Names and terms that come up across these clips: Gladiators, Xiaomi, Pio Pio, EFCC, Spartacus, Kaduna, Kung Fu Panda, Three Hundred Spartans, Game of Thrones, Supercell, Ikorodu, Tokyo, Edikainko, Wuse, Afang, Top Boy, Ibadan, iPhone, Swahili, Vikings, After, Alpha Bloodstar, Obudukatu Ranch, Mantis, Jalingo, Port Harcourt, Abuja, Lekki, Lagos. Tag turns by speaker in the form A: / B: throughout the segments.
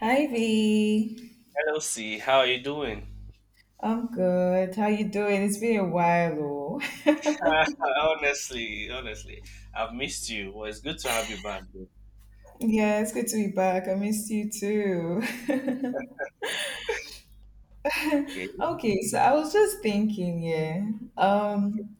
A: Hi V.
B: Hello, C. How are you doing?
A: I'm good. How you doing? It's been a while, oh.
B: Honestly, I've missed you. Well, it's good to have you back.
A: Yeah, it's good to be back. I missed you too.
B: Okay.
A: Okay, so I was just thinking, yeah. Um,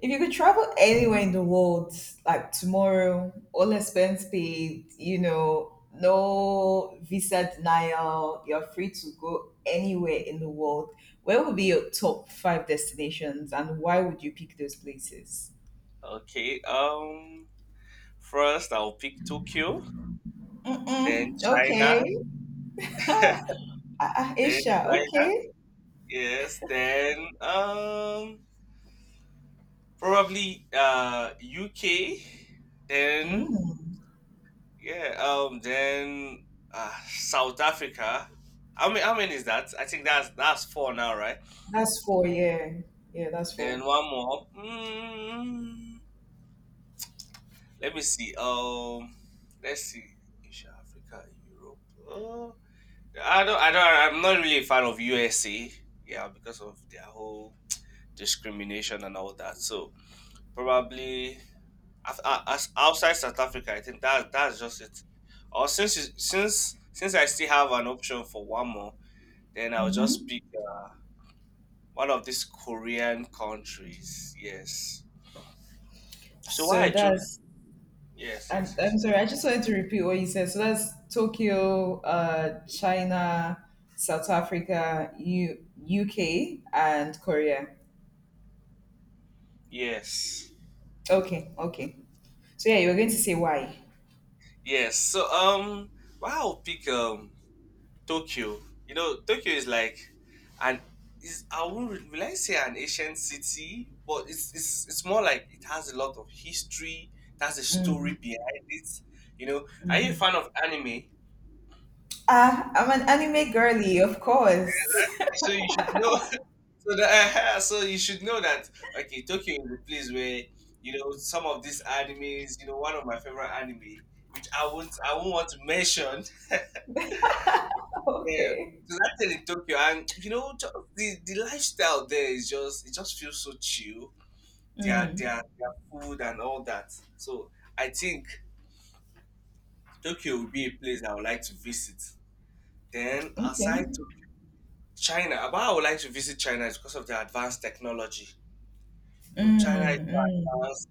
A: if you could travel anywhere in the world, like tomorrow, all expense paid, you know, no visa denial, you're free to go anywhere in the world. Where would be your top five destinations and why would you pick those places?
B: Okay. First I'll pick Tokyo, then
A: Mm-mm.
B: China,
A: Okay. Ah, ah,
B: then
A: Asia,
B: China.
A: okay.
B: Yes. Then probably UK. Then
A: Mm,
B: yeah. Then South Africa. How many? How many is that? I think that's four now, right?
A: that's four, yeah. Yeah, that's 4.
B: Then one more. Let me see. Let's see. Asia, Africa, Europe. Uh, I don't. I don't. I'm not really a fan of USA. Yeah, because of their whole discrimination and all that. So probably as outside South Africa, I think that's just it. Or since you- since I still have an option for one more, then I'll just
A: Mm-hmm.
B: pick one of these Korean countries. Yes. So why
A: So
B: I chose?
A: that's,
B: Yes.
A: I'm,
B: Yes.
A: I'm
B: Yes.
A: sorry, I just wanted to repeat what you said. So that's Tokyo, China, South Africa, U UK, and Korea.
B: Yes.
A: Okay, okay. So yeah, you were going to say why.
B: Yes. So why I'll pick Tokyo. Tokyo is like an is I wouldn't really, will I say an ancient city, but it's more like it has a lot of history. It has a story
A: Mm.
B: behind it. Are you a fan of anime?
A: Ah, I'm an anime girly, of course.
B: So you should know. So that so you should know that okay, Tokyo is a place where some of these animes. One of my favorite anime, which I won't want to mention. Yeah,
A: Okay.
B: because I think in Tokyo, and the lifestyle there is just it just feels so chill. Their
A: Mm,
B: their their food and all that. So I think Tokyo would be a place I would like to visit. Then
A: okay.
B: aside to China, but I would like to visit China is because of their advanced technology. China is
A: Mm,
B: so
A: mm.
B: advanced.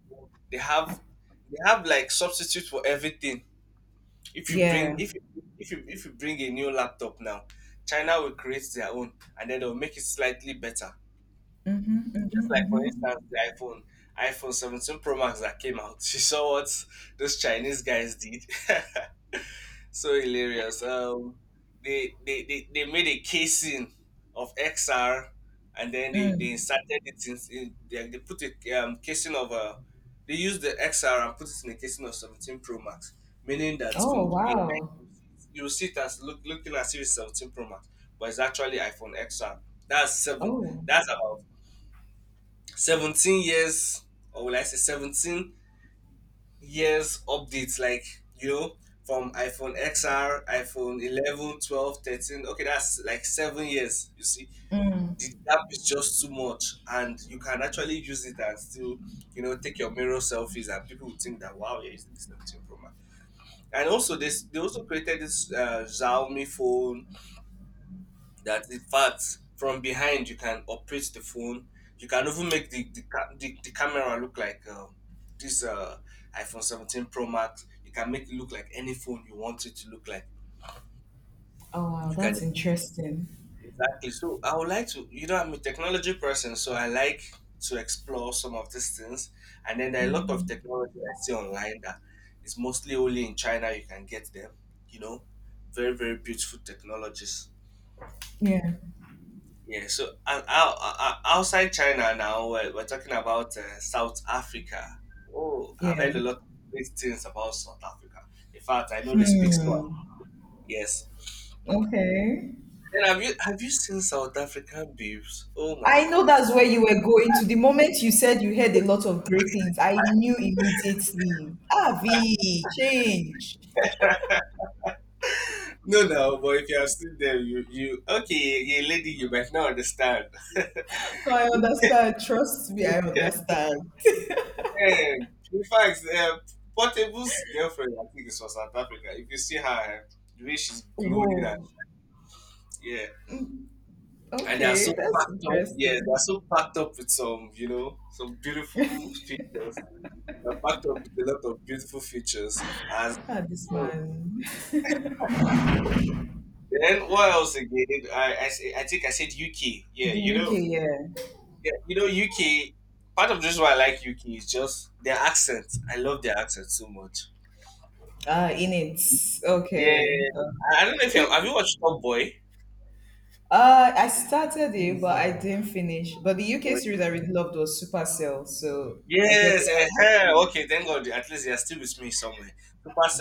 B: They have they have like substitute for everything. If you bring
A: Yeah.
B: if you, if you if you bring a new laptop now, China will create their own and then they'll make it slightly better.
A: Mm-hmm,
B: Just
A: mm-hmm,
B: like for
A: mm-hmm.
B: instance, iPhone 17 Pro Max that came out. You saw what those Chinese guys did. So hilarious. They made a casing of XR, and then they
A: Mm.
B: inserted it in. They put a casing of a. They used the XR and put it in a casing of 17 Pro Max, meaning that
A: Oh
B: from the behind
A: wow.
B: you see it as looking as if it's 17 Pro Max, but it's actually iPhone XR. That's seven.
A: Oh.
B: That's about 17 years or will I say 17 years updates like you know from iPhone XR, iPhone 11, 12, 13. Okay, that's like 7 years. You see,
A: Mm.
B: the gap is just too much, and you can actually use it and still, take your mirror selfies, and people will think that wow, you're using this 17 Pro Max. And also, this they also created this Xiaomi phone that in fact from behind you can operate the phone. You can even make the camera look like this iPhone 17 Pro Max. You can make it look like any phone you want it to look like.
A: Oh wow,
B: You
A: that's
B: can,
A: interesting.
B: exactly, so I would like to, I'm a technology person, so I like to explore some of these things. And then there are a lot of technology I see online that is mostly only in China. You can get them, you know very very beautiful technologies.
A: Yeah.
B: Yeah, so and outside China now, we're talking about South Africa. Oh, I've
A: Yeah.
B: heard a lot of great things about South Africa. In fact, I know they speak Swahili.
A: Hmm.
B: Yes.
A: Okay.
B: And have you seen South African babes? Oh my
A: I know
B: God.
A: that's where you were going to. The moment you said you heard a lot of great things, I knew immediately. Avi, change.
B: No, no, but if you have seen them, you, okay, yeah, lady, you might not understand.
A: I understand. Trust me, I understand.
B: And in fact, Portable's girlfriend, I think, is from South Africa. If you see her, the way she's glowing, and
A: Whoa.
B: yeah. And they are
A: Okay,
B: so
A: that's
B: packed up. Yeah, they
A: interesting.
B: are so packed up with some, some beautiful features. They're packed up with a lot of beautiful features. As
A: Ah, this
B: Hmm.
A: man.
B: Then, what else again? I think I said UK. Yeah,
A: The UK, yeah.
B: yeah, UK. Part of the reason why I like UK is just their accent. I love their accent so much.
A: Ah, in it.
B: Yeah,
A: Okay.
B: I don't know if have you watched Top Boy.
A: I started it, but I didn't finish. But the UK series I really loved was Supercell, so I get the
B: Yes,
A: aspect.
B: okay, thank God. At least you're still with me somewhere.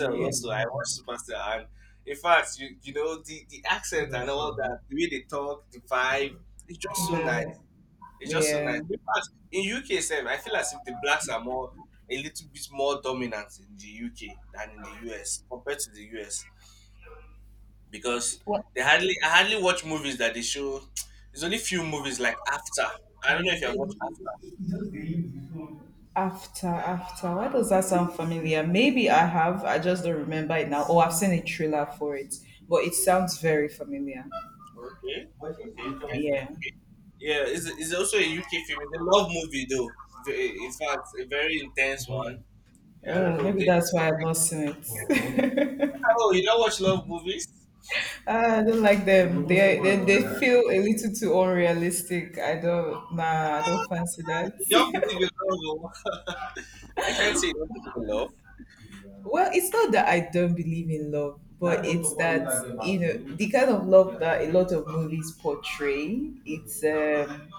A: Yeah, the,
B: also, I watched
A: yeah.
B: Supercell, and in fact, you know the accent and all that, the way they talk, the vibe, it's just so nice. It's just so nice. In fact, in UK, itself, I feel as if the blacks are more a little bit more dominant in the UK than in the US compared to the US because
A: What
B: they hardly I hardly watch movies that they show. There's only few movies like After. I don't know if you have watched After.
A: after after? Why does that sound familiar? Maybe I have. I just don't remember it now. Oh, I've seen a trailer for it, but it sounds very familiar.
B: Okay, okay.
A: Yeah.
B: Yeah, it's also a UK film. It's a love movie, though. In fact, a very intense one. I don't know.
A: Maybe that's why I've not seen it.
B: Oh, you don't watch love movies?
A: Ah, I don't like them. They feel a little too unrealistic. I don't, nah, I don't fancy
B: Ah,
A: that.
B: you don't believe in love. Oh. I can't say you don't believe in love.
A: Well, it's not that I don't believe in love, but it's that you know the kind of love that a lot of movies portray. It's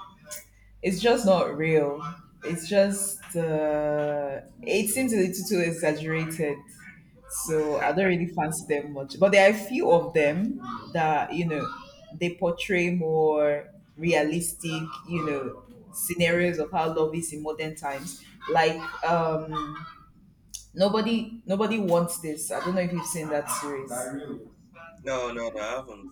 A: it's just not real. It's just it seems a little too exaggerated. So I don't really fancy them much. But there are a few of them that you know they portray more realistic, you know, scenarios of how love is in modern times. Like um, nobody wants this. I don't know if you've seen that series.
B: No, no, no, I haven't.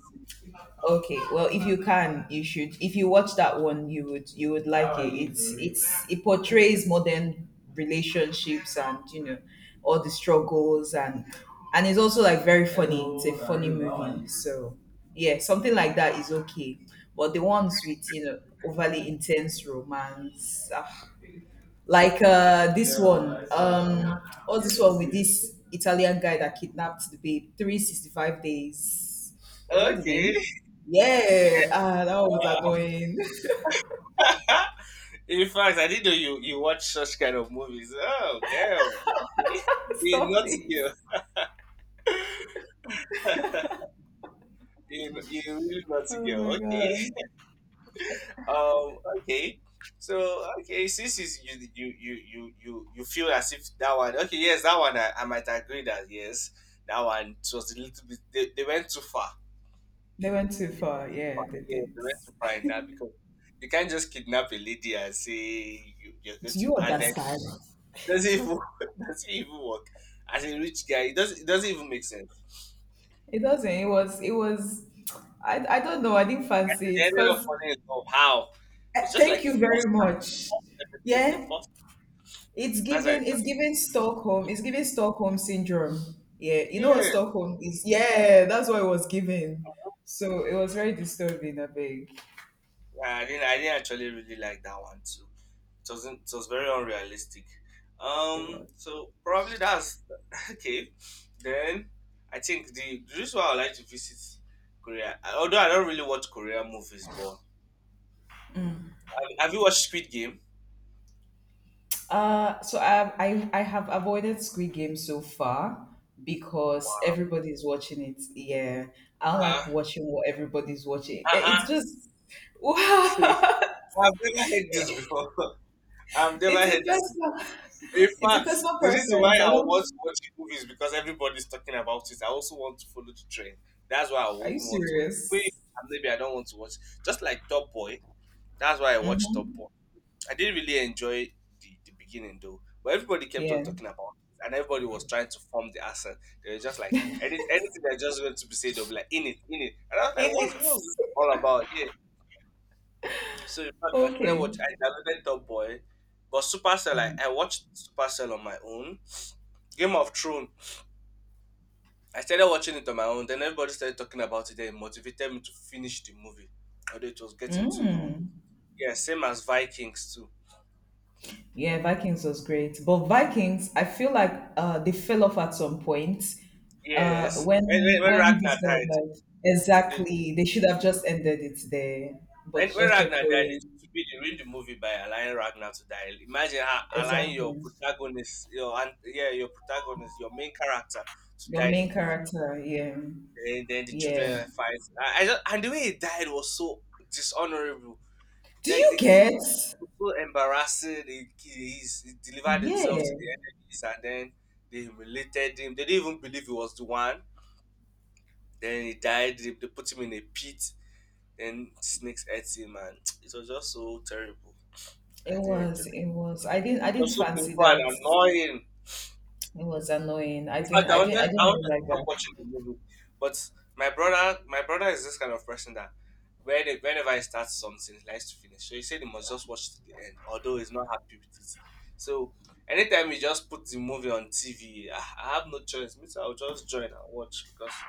A: Okay, well, if you can, you should. If you watch that one, you would, you would like it. It portrays modern relationships and you know all the struggles, and it's also like very funny. It's a funny movie, so yeah, something like that is okay. But the ones with you know overly intense romance, ah, like
B: No.
A: uh this one um what's this one with this italian guy that kidnapped the babe, 365 days, was that the
B: Okay.
A: name? Yeah, ah, that one was annoying.
B: Yeah. In fact, I didn't know you watch such kind of movies. Oh, damn. Okay. You're a
A: Stop
B: naughty
A: it.
B: girl. You're a really naughty
A: Oh my
B: girl. Okay.
A: god.
B: Okay. So okay, since is you feel as if that one. Okay. Yes, that one. I might agree that yes, that one it was a little bit. They went too far.
A: They went too far, yeah they
B: Yeah,
A: did.
B: they went too far in that because you can't just kidnap a lady and say you're going
A: Do
B: to,
A: you
B: and then it
A: understand?
B: doesn't even it doesn't even work. As a rich guy, it doesn't even make sense.
A: It doesn't. It was, it was, I don't know, I didn't
B: And then
A: fancy
B: they
A: it
B: ended up
A: because
B: falling in love. How? It's just like
A: thank you very much.
B: forced everything. He
A: Yeah.
B: forced.
A: It's
B: That's how it
A: giving, it's
B: does.
A: giving Stockholm. It's giving Stockholm syndrome. Yeah, you know what Stockholm is? Yeah, that's what it was giving. So it was very disturbing, I beg.
B: Yeah, I didn't actually really like that one too. It wasn't it was very unrealistic.
A: It was.
B: So probably that's okay. Then I think the reason why I would like to visit Korea although I don't really watch Korean movies but have you watched Squid Game?
A: Uh, so I have avoided Squid Game so far because
B: Wow.
A: everybody's watching it. Yeah. I like
B: Uh
A: watching what everybody's watching. Eh,
B: uh uh
A: it's just wow.
B: I've never heard this before. I've never
A: It's a
B: heard this.
A: personal,
B: In
A: it's a
B: fact,
A: personal
B: the reason why
A: preference. I
B: I want to
A: don't,
B: watch the movie is because everybody's talking about it. I also want to follow the trend. That's why I
A: are you
B: even want to watch it.
A: serious?
B: Maybe I don't want to watch. Just like Top Boy. That's why I watched Top
A: Mm-hmm.
B: Boy. I didn't really enjoy the beginning though. But everybody kept on
A: Yeah.
B: talking about it. And everybody was trying to form the accent. They were just like, anything that just went to be said, they'll be like, in it, in it. And I was like,
A: In
B: what's,
A: it.
B: what's this all about? Yeah. So in fact, I started
A: Okay.
B: watching, I downloaded Top Boy. But Supercell, I,
A: Hmm.
B: I watched Supercell on my own. Game of Thrones. I started watching it on my own. Then everybody started talking about it. Then it motivated me to finish the movie, although it was getting too long. Yeah, same as Vikings too.
A: Yeah, Vikings was great. But Vikings, I feel like they fell off at some point.
B: Yes, when, when, when
A: When
B: Ragnar
A: this guy
B: died,
A: died,
B: the- the- the-
A: exactly, they should have just ended it there, but
B: when,
A: they
B: when
A: just kept
B: Ragnar died,
A: going.
B: it should be the movie by allowing Ragnar to die. Imagine how allowing your
A: Exactly,
B: protagonist, yeah, your protagonist, your main character to
A: your
B: die in a
A: main
B: movie.
A: character, yeah,
B: And then the
A: yeah.
B: children fight. And the way he died was so dishonorable.
A: Do
B: Like
A: you get?
B: so embarrassing. He delivered
A: Yeah,
B: himself to the enemies and then they humiliated him. They didn't even believe he was the one. Then he died. They put him in a pit. Then snakes ate him and it was just so terrible.
A: it
B: I didn't enjoy
A: was.
B: it.
A: It was. I didn't. I
B: It
A: didn't
B: was so
A: fancy
B: painful
A: that.
B: and annoying.
A: It was annoying. I
B: In
A: didn't.
B: fact, I
A: I didn't. I
B: wanted
A: didn't
B: I
A: really
B: wanted to
A: like
B: stop
A: that.
B: watching the movie, but my brother is this kind of person that whenever I start something, he likes to finish. So he said he must just watch to the end, although he's not happy with it. So anytime he just put the movie on TV, I have no choice. Me too, I'll just join and watch because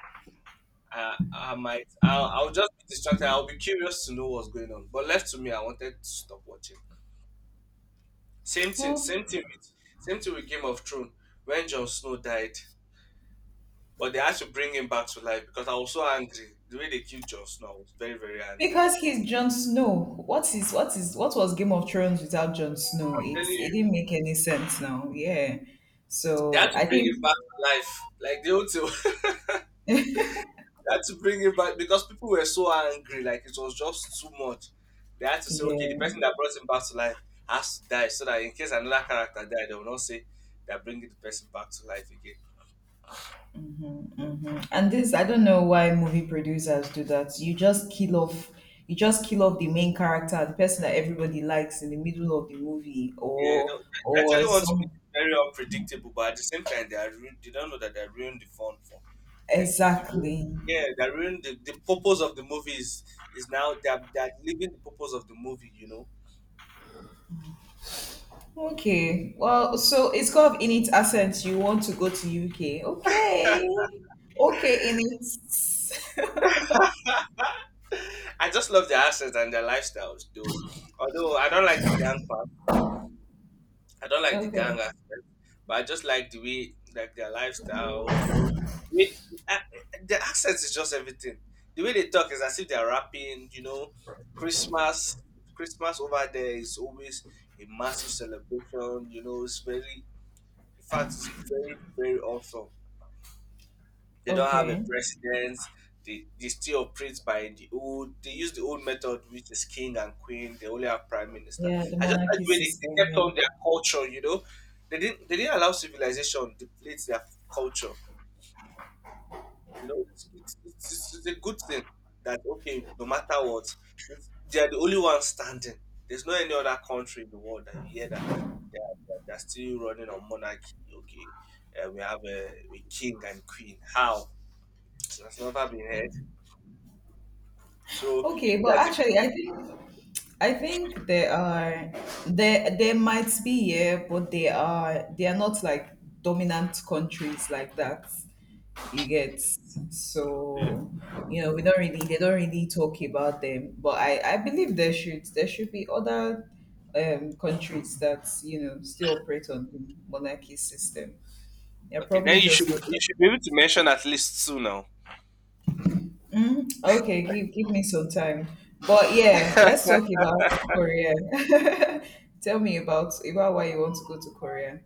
B: I might, I'll just be distracted. I'll be curious to know what's going on. But left to me, I wanted to stop watching. Same thing.
A: Well,
B: Same thing with Game of Thrones. When Jon Snow died. But they had to bring him back to life because I was so angry. The way they killed Jon Snow, I was very, very angry.
A: because he's Jon Snow. What is, what is, what was Game of Thrones without Jon Snow?
B: I'm telling
A: It's it
B: you,
A: didn't make any sense now. Yeah.
B: they
A: So
B: had to
A: I
B: bring
A: think
B: him back to life. Like they ought to, they had to bring him back because people were so angry. Like it was just too much. They had to say, okay, the
A: yeah.
B: person that brought him back to life has to die so that in case another character died, they will not say they're bringing the person back to life again.
A: Hmm. And this I don't know why movie producers do that. You just kill off, you just kill off the main character, the person that everybody likes in the middle of the movie
B: Yeah, they they
A: or
B: actually want to be
A: some,
B: very unpredictable, but at the same time, they don't know that they ruined the fun for, like the mo-
A: exactly.
B: yeah, they ruined the purpose of the movie is now they're leaving the purpose of the movie.
A: Okay. Well, so it's kind of in its essence, you want to go to UK. Okay. Okay, in its
B: I just love their assets and their lifestyles, though. Although I don't like the
A: okay.
B: gang aspect, but I just like the way, like their lifestyle. With, uh, the accent is just everything. The way they talk is as if they're rapping. Christmas, Christmas over there is always a massive celebration. In fact, it's very, very awesome. They don't have a
A: Okay.
B: president. They still operate by the old. They use the old method, which is king and queen. They only have prime minister.
A: Yeah, the
B: I just like
A: monarchy
B: the way they,
A: system,
B: they kept
A: yeah.
B: on their culture. You know, they didn't allow civilization to deplete their culture. You know, it's a good thing that okay, no matter what, they are the only ones standing. There's no any other country in the world that you hear that they are, they are still running on monarchy. Okay, we have a king and queen. How? It has never been heard. So you
A: Okay,
B: think
A: but
B: that if
A: actually I
B: you,
A: think, I think there are, there might be, yeah, but they are, they are not like dominant countries like that. You get, so you know we don't really, they don't really talk about them, but I believe there should, there should be other countries that you know still operate on the monarchy system. They're
B: okay,
A: probably
B: then you should
A: just not,
B: you should be able to mention at least two now.
A: okay, give me some time, but yeah, let's talk about korea. Tell me about why you want to go to korea.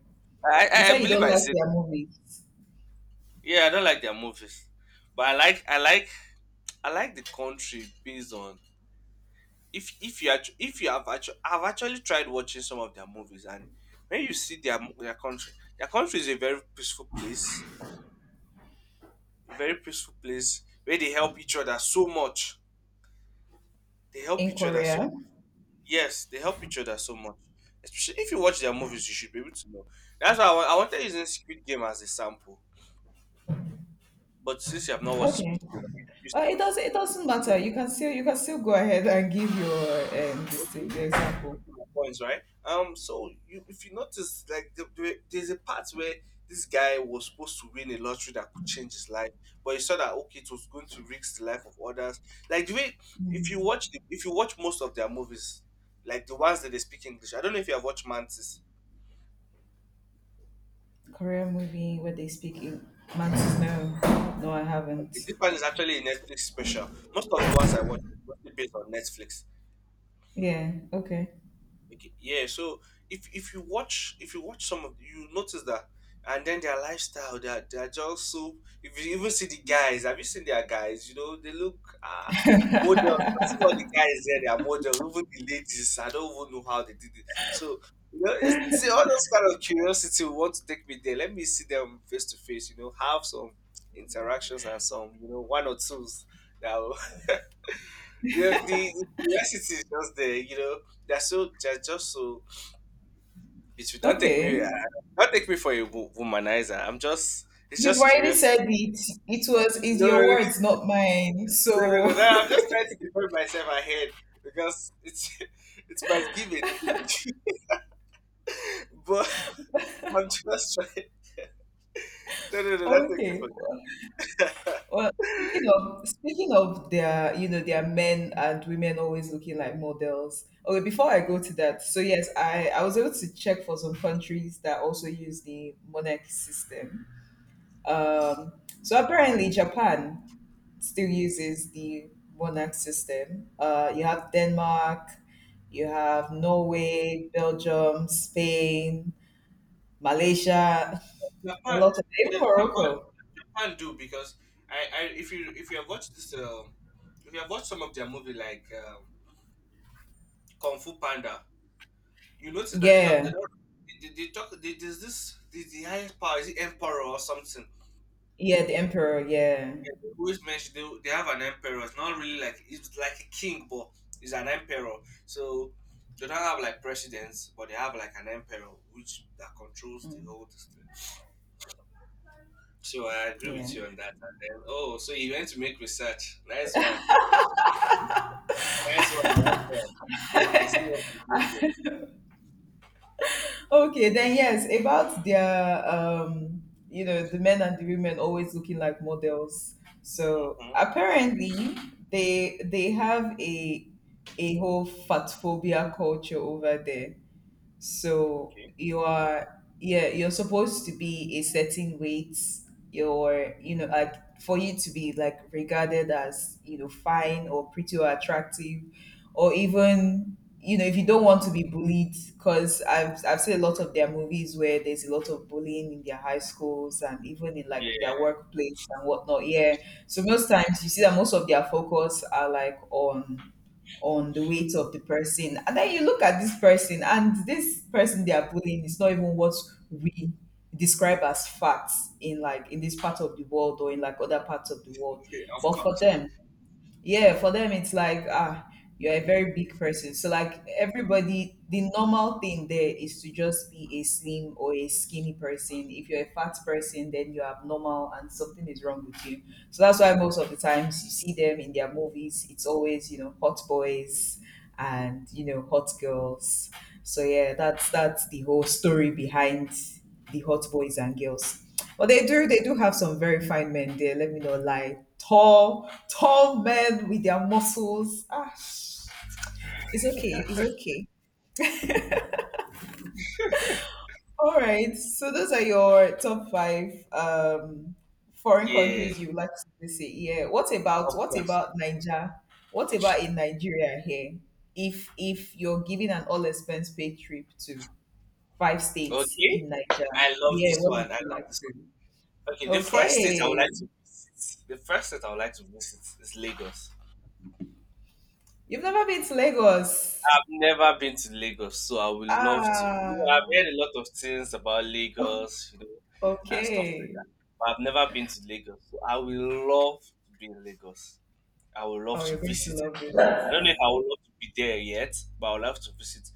B: I
A: You
B: I I
A: said you
B: believe
A: don't
B: I
A: like
B: said
A: their movies.
B: yeah. I don't like their movies, but I like the country based on if you actu- if you have actually I've actually tried watching some of their movies and when you see their country is a very peaceful place, a very peaceful place where they help each other so much. They help
A: In
B: each other
A: korea,
B: so Yes, they help each other so much. Especially if you watch their movies, you should be able to know. That's why I wanted using Squid Game as a sample. But since you have not watched
A: okay.
B: Squid Game, and you refuse to
A: It
B: watch
A: does. Not
B: Squid
A: it
B: Game.
A: doesn't matter.
B: you-
A: You can still, you can still go ahead and give your this thing
B: Okay,
A: the example.
B: okay, my points, right? So, if you notice, there's a part where this guy was supposed to win a lottery that could change his life, but he saw that okay, it was going to risk the life of others. Like the way if you watch most of their movies, like the ones that they speak English, I don't know if you have watched Mantis.
A: Korean movie where they speak in mantis. No, no, I
B: Okay,
A: haven't.
B: this one is actually a Netflix special. Most of the ones I watch are mostly based on Netflix.
A: Yeah. Okay.
B: Okay, yeah. So if you watch some of you notice that, and then their lifestyle, they are just so. If you even see the guys, have you seen their guys? You know they look models. That's all the guys there. They are models. Even the ladies, I don't even know how they did it. So you know, see all those kind of curiosity will want to take me there. Let me see them face to face. You know, have some interactions and some one or twos. That. Yeah, the curiosity is just there. They're just so between. Don't take me,
A: Okay.
B: uh, don't take me for a womanizer. It's
A: You've
B: just
A: already
B: curiosity.
A: said it. It was, it's
B: No, no,
A: your
B: no,
A: words, not mine.
B: no,
A: So
B: no, no. No. I'm just trying to defend myself ahead because it's it's my giving. but I'm just trying. No, no, no, don't take me
A: okay.
B: for that.
A: Well, speaking of their, you know, their men and women always looking like models. Okay, before I go to that, so yes, I was able to check for some countries that also use the monarchy system. Um, so apparently Japan still uses the monarch system. You have Denmark, you have Norway, Belgium, Spain, Malaysia, a
B: Japan,
A: lot of,
B: yeah,
A: even
B: Japan,
A: Morocco.
B: Japan do because if you have watched some of their movie like Kung Fu Panda. You notice that they don't
A: Yeah,
B: they don't they talk there's this the highest power is it emperor or something.
A: yeah, the emperor. Yeah.
B: Yeah, they always mention they have an emperor. It's not really like it's like a king, but it's an emperor. So they don't have like presidents, but they have like an emperor which that controls the
A: Mm.
B: whole thing. So I agree
A: Yeah.
B: with you on that. And then oh, so you went to make research. Nice one. Nice one. Nice one. Yeah, I see what you're doing there.
A: Okay, then yes, about their you know, the men and the women always looking like models. So
B: Mm-hmm.
A: apparently they have a whole fat phobia culture over there. So
B: Okay.
A: you are, yeah, you're supposed to be a certain weight. You're, you know, like, for you to be like regarded as, you know, fine or pretty or attractive, or even, you know, if you don't want to be bullied, because I've seen a lot of their movies where there's a lot of bullying in their high schools and even in like their
B: Yeah.
A: workplace and whatnot. Yeah. So most times you see that most of their focus are like on the weight of the person. And then you look at this person, and this person they are bullying is not even what we describe as facts in, like, in this part of the world or in like other parts of the world.
B: Of
A: But for
B: course.
A: them, yeah, for them it's like, ah, you're a very big person. So, like, everybody, the normal thing there is to just be a slim or a skinny person. If you're a fat person, then you're abnormal and something is wrong with you. So that's why most of the times you see them in their movies, it's always, you know, hot boys and, you know, hot girls. So yeah, that's the whole story behind the hot boys and girls. But they do have some very fine men there. Let me not lie. Tall, tall men with their muscles. Ah, it's okay. It's okay. All right. So those are your top five foreign
B: Yeah.
A: countries you would like to visit. Yeah. What about,
B: Of
A: what
B: course.
A: about Niger? What about in Nigeria here? If you're giving an all expense paid trip to five states
B: Okay,
A: in Niger,
B: I love
A: yeah,
B: this
A: what
B: one.
A: would
B: I
A: you
B: love
A: like
B: this
A: to?
B: one. Okay, the first state I would
A: Okay.
B: like to visit, the first state I would like to visit is Lagos.
A: You've never been to Lagos.
B: I've never been to Lagos, so I would love to. You know, I've
A: Ah,
B: heard a lot of things about Lagos, and stuff like
A: okay.
B: that, but I've never been to Lagos. So I would love to be in Lagos. I would love
A: Oh,
B: to
A: you're going to
B: visit.
A: love
B: I
A: it.
B: don't know if I would love to be there yet, but I would love to visit.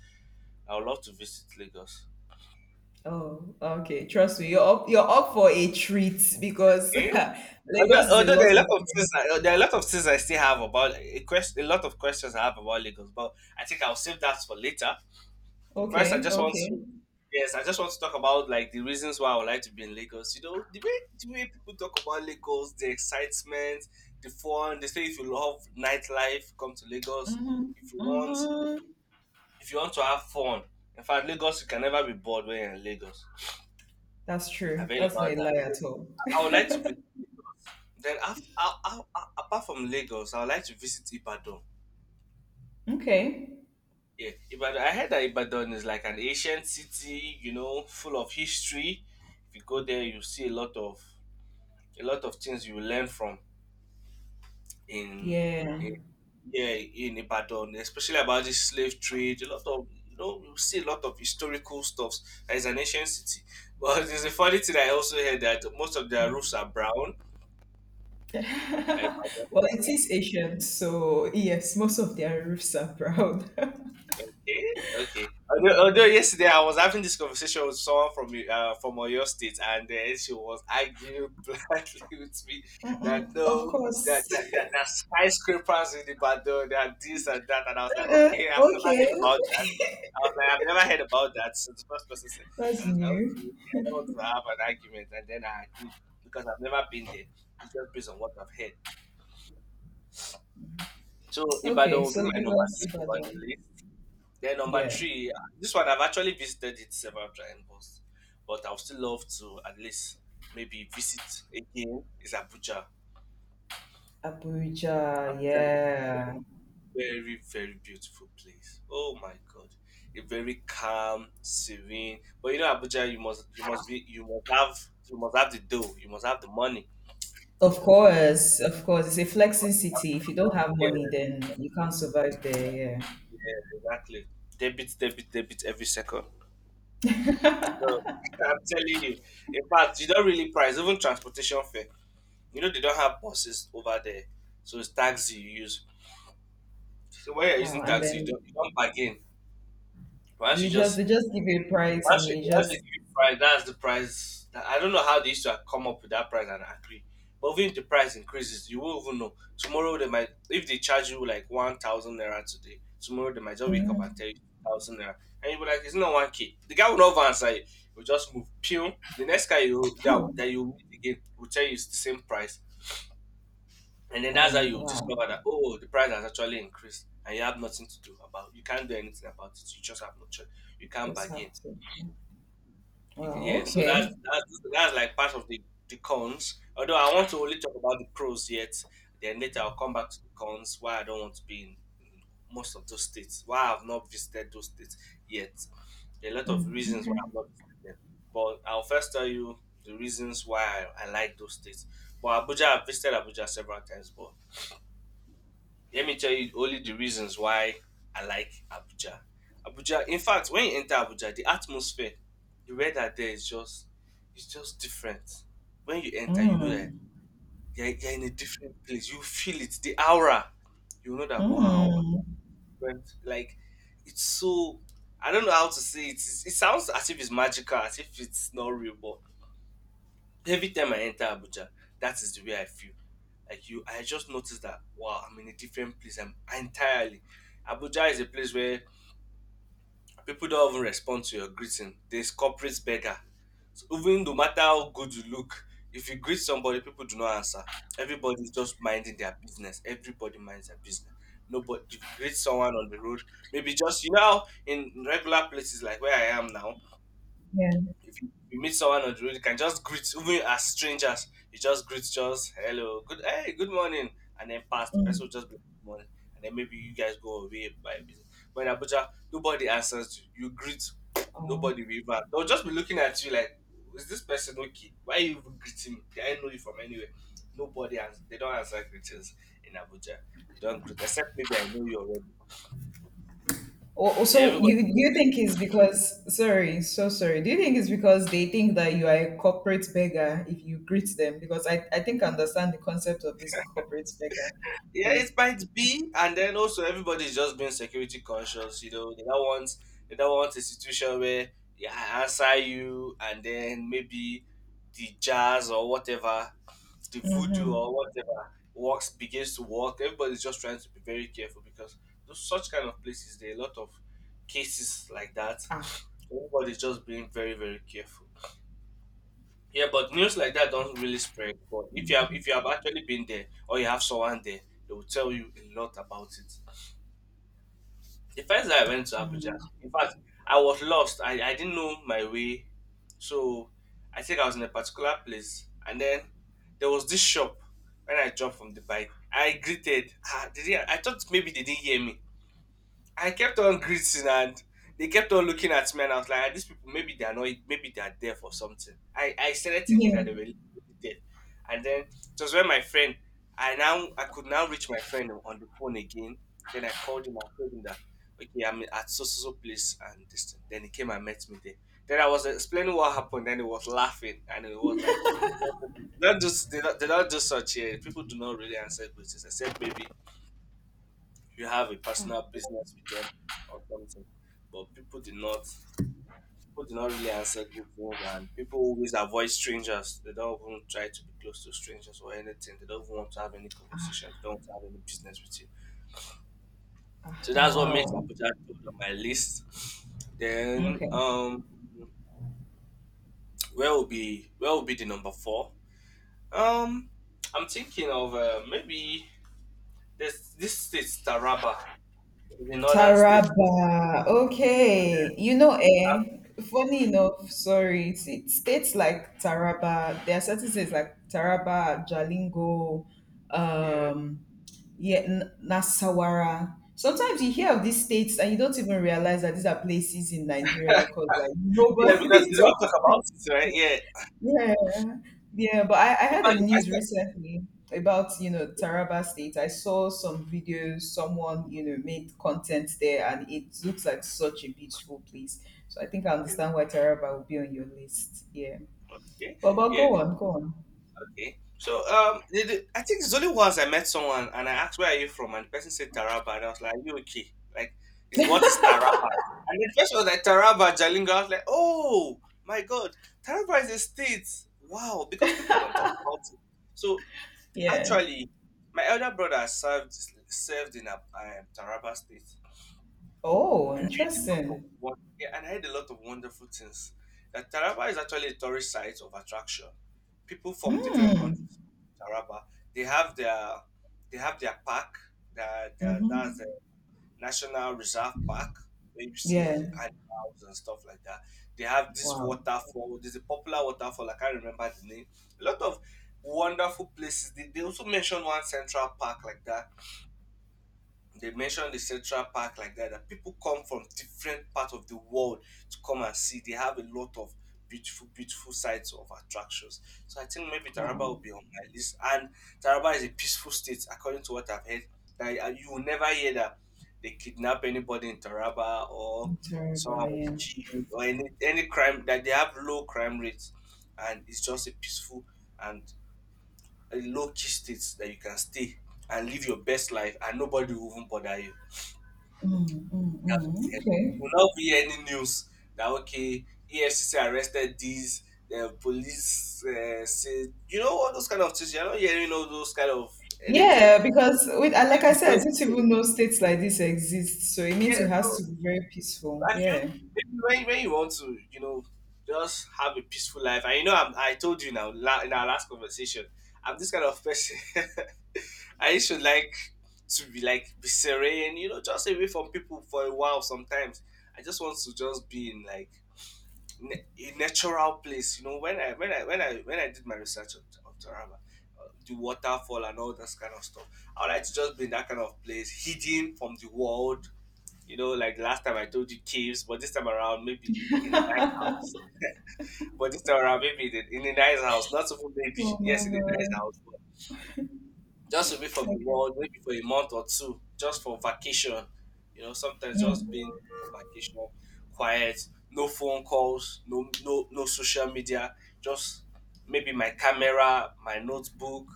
B: I would love to visit Lagos.
A: Oh, okay. Trust me, you're up for a treat because
B: Okay?
A: Lagos
B: Although,
A: is a
B: although
A: lot
B: there are
A: of
B: a lot of things,
A: things.
B: there are a lot of things I still have about a lot of questions I have about Lagos, but I think I'll save that for later. First, I
A: Okay,
B: just want
A: okay.
B: to, yes, I just want to talk about like the reasons why I would like to be in Lagos. You know, the way people talk about Lagos, the excitement, the fun. They say if you love nightlife, come to Lagos.
A: Mm-hmm,
B: If you want,
A: mm-hmm.
B: if you want to have fun, in fact, Lagos you can never be bored when you're in Lagos.
A: That's
B: I've
A: true.
B: heard
A: That's not a
B: about that.
A: lie
B: So
A: at all.
B: I would like to visit. Then after, apart from Lagos, I would like to visit Ibadan.
A: Okay.
B: Yeah, Ibadan. I heard that Ibadan is like an ancient city, full of history. If you go there, you see a lot of things you will learn from in,
A: Yeah.
B: in yeah, in Ibadan, especially about this slave trade. A lot of you know you see a lot of historical stuff. That is an ancient city. But there's a funny thing I also heard that most of their roofs are brown.
A: Well, it is Asian, so yes, most of their roofs are brown. But
B: Okay, okay. Although
A: yeah.
B: yesterday I was having this conversation with someone from Oyo State, and she was arguing blindly with me that
A: Mm-mm, of
B: no, that
A: course.
B: that, that, that skyscrapers in Ibadan, that this and that, and I was like, okay, I've never
A: Okay.
B: heard about that. I was like, I've never heard about that. So the first person said,
A: That's
B: and I was like,
A: new.
B: okay, okay, I don't want to have an argument, and then I agreed because I've never been there. It's just based on what I've heard. So Ibadan
A: Okay,
B: will
A: so
B: be my number
A: Lagos,
B: two on
A: Ibadan.
B: the list. Then number
A: Yeah.
B: three, this one I've actually visited it several times, but I would still love to at least maybe visit again. Is Abuja.
A: Abuja,
B: Abuja is a
A: yeah.
B: very very beautiful place. Oh my God, a very calm, serene. But you know Abuja, you must have the dough. You must have the money.
A: Of
B: You know.
A: course, of course. It's a flexing city. If you don't
B: Abuja,
A: have money,
B: yes,
A: then you can't survive there, yeah.
B: yes, exactly. Debit, debit, debit every second. So I'm telling you. In fact, you don't really price even transportation fare. You know they don't have buses over there, so it's taxi you use. So when you're
A: Oh,
B: using
A: and
B: taxi, you
A: then
B: don't you don't bargain. Once
A: you
B: you
A: just,
B: just
A: they just give you a price
B: once
A: and
B: you
A: you
B: once they
A: just,
B: give you price, that's the price. That, I don't know how they used to come up with that price and agree. But even if the price increases, you won't even know. Tomorrow they might if they charge you like 1,000 naira today. Tomorrow they might just wake up and tell you thousand naira, and you'll be like, it's not 1K. The guy will not even answer you. He'll just move. Pew. The next guy
A: oh,
B: that you meet again will tell you it's the same price. And then
A: oh
B: that's how you
A: wow.
B: discover that oh the price has actually increased and you have nothing to do about you can't do anything about it. You just have no choice. You can't
A: Just have
B: bargain.
A: to.
B: You ca-
A: Wow,
B: yeah, so that's
A: okay.
B: that's that's like part of the cons. Although I want to only talk about the pros yet, then later I'll come back to the cons why I don't want to be in most of those states. Why I've not visited those states yet. There are a lot of
A: Mm,
B: reasons why
A: okay.
B: I've not visited them. But I'll first tell you the reasons why I like those states. But Abuja, I've visited Abuja several times, but let me tell you only the reasons why I like Abuja. Abuja, in fact, when you enter Abuja, the atmosphere, the weather there is just it's just different. When you enter, you know that
A: Mm.
B: you're in a different place. You feel it, the aura. You know that, wow, I'm
A: Mm.
B: different. Like it's so. I don't know how to say it. It sounds as if it's magical, as if it's not real. But every time I enter Abuja, that is the way I feel. Like you, I just noticed that, wow, I'm in a different place. I'm entirely. Abuja is a place where people don't even respond to your greeting. There's corporate beggar. So even no matter how good you look, if you greet somebody, people do not answer. Everybody's just minding their business. Everybody minds their business. Nobody if you greet someone on the road, maybe just you know how in regular places like where I am now,
A: Yeah.
B: if you meet someone on the road, you can just greet, even as strangers. You just greet, just hello, good, hey, good morning, and then pass. The person will just be like, good morning, and then maybe you guys go away by business. But in Abuja, nobody answers you. You greet,
A: Oh.
B: nobody will even. They'll just be looking at you like, is this person okay? Why are you even greeting me? I know you from anywhere? Nobody answers. They don't answer greetings in Abuja. You don't greet, except maybe I know you already.
A: Or
B: Yeah,
A: so
B: everybody.
A: you, do you think it's because, sorry, so sorry. Do you think it's because they think that you are a corporate beggar if you greet them? Because I think I understand the concept of this corporate beggar
B: Yeah,
A: thing.
B: it might be, and then also everybody's just being security conscious. You know, they don't want a situation where, yeah, I answer you, and then maybe the jazz or whatever, the voodoo or whatever works begins to work. Everybody's just trying to be very careful because those such kind of places there are a lot of cases like that.
A: Ah,
B: Everybody's just being very, very careful. Yeah, but news like that don't really spread. But if you have actually been there or you have someone there, they will tell you a lot about it. The first time I went to Abuja, in fact, I was lost. I didn't know my way. So I think I was in a particular place and then there was this shop when I dropped from the bike. I greeted, ah, did they, didn't, I thought maybe they didn't hear me. I kept on greeting and they kept on looking at me and I was like, "Ah, these people, maybe they're not, maybe they're deaf or something. I started thinking
A: yeah.
B: that they were literally deaf. And then it was when my friend, I now, I could now reach my friend on the phone again. Then I called him and told him that, okay, I'm at so, so, so place and this thing. Then he came and met me there. Then I was explaining what happened. Then he was laughing and it was like, don't, do- they don't do such here. People do not really answer questions except maybe you have a personal business with them or something. But people did not really answer good things and people always avoid strangers. They don't even try to be close to strangers or anything. They don't even want to have any conversation. They don't want to have any business with you.
A: Ah,
B: So
A: now
B: that's what makes
A: wow.
B: Abuja top on my list. Then
A: Okay.
B: where will be the number four? Um I'm thinking of maybe this state Taraba. It's a northern state.
A: Taraba. Okay. You know,
B: Uh,
A: eh, funny enough, sorry. See, states like Taraba, there are certain states like Taraba, Jalingo,
B: yeah.
A: um, yeah, N- Nasawara. Sometimes you hear of these states and you don't even realize that these are places in Nigeria because like
B: Yeah, because
A: nobody
B: they don't
A: talks
B: talk about it, right? Yeah.
A: yeah, yeah, but I
B: In
A: had a
B: fact,
A: news
B: the
A: recently about, you know,
B: first
A: Taraba State. I saw some videos, someone, made content there and it looks like such a beautiful place. So I think I
B: time.
A: understand why Taraba will be on your list. Yeah.
B: Okay.
A: But
B: Yeah.
A: go on, go on.
B: Okay. So I think it's only once I met someone and I asked where are you from, and the person said Taraba, and I was like, are you okay? Like, is what is Taraba? And the person was like Taraba, Jalingo. I was like, oh my god, Taraba is a state. Wow, because people don't talk about it. So
A: Yeah.
B: actually, my elder brother served in a, Taraba state.
A: Oh,
B: And I heard a lot of
A: interesting.
B: yeah, and I heard a lot of wonderful things. That Taraba is actually a tourist site of attraction. People from different
A: Mm.
B: countries come to Taraba. They have their they have their park. That's
A: Mm-hmm.
B: the National Reserve Park where you
A: Yeah.
B: see animals and stuff like that. They have this
A: Wow.
B: waterfall. There's a popular waterfall. I can't remember the name. A lot of wonderful places. They also mentioned one central park like that they mentioned the Central Park like that, that people come from different parts of the world to come and see. They have a lot of beautiful, beautiful sites of attractions. So I think maybe Taraba
A: Wow.
B: will be on my list. And Taraba is a peaceful state, according to what I've heard. That you will never hear that they kidnap anybody in Taraba or
A: Taraba,
B: someone was
A: yeah.
B: killed or any crime. That they have low crime rates, and it's just a peaceful and a low key state that you can stay and live your best life, and nobody will even bother you.
A: Mm, mm,
B: That
A: mm.
B: will
A: Okay.
B: not be any news that, okay, EFCC arrested these the police, say, you know, all those kind of things. You're not hearing all those kind of anything.
A: Yeah, because with and like
B: It
A: I
B: is
A: said, I didn't
B: just,
A: even know states like this exist. So it means
B: yeah.
A: it has to
B: So
A: be very peaceful.
B: I feel
A: Yeah.
B: maybe when you want to, you know, just have a peaceful life. And you know I'm, I told you now in our last conversation I'm this kind of person. I used to like to be like be serene, you know, just away from people for a while sometimes. I just want to just be in like a natural place. You know, when I did my research of Taraba, the waterfall and all that kind of stuff, I would like to just be in that kind of place, hidden from the world. You know, like last time I told you caves, but this time around maybe in a nice house. But this time around maybe in in a nice house, not even maybe
A: Oh my
B: yes in a nice
A: God.
B: house, just away from the
A: Okay.
B: world, maybe for a month or two, just for vacation. You know, sometimes just
A: Mm.
B: being for vacation, quiet, no phone calls, no social media, just maybe my camera, my notebook,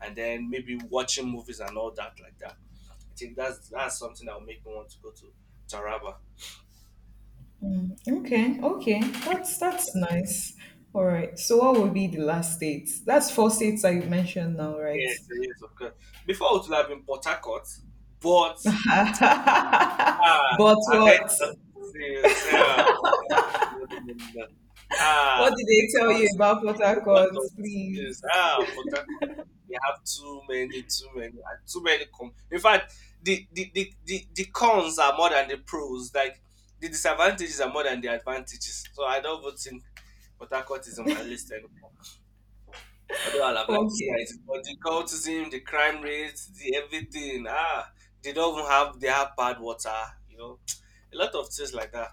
B: and then maybe watching movies and all that like that. I think that's something that will make me want to go to Taraba.
A: Okay. Okay. That's nice. All right. So what would be the last states? That's four states I mentioned now, right?
B: Yes, yes, of course. Before it would have been Port Harcourt, but,
A: But
B: ah, I've heard
A: what?
B: a lot of things. Yeah, but I'm not in the- ah,
A: What did they tell you
B: because
A: about Port
B: a lot
A: Harcourt,
B: of
A: please?
B: things. Ah, but they have too many. In fact, the cons are more than the pros. Like the disadvantages are more than the advantages. So I don't even think Port Harcourt is on my list anymore. Although I'd have liked to see
A: Okay.
B: it, but the cultism, the crime rates, the everything, ah, they don't even have they have bad water, you know, a lot of things like that.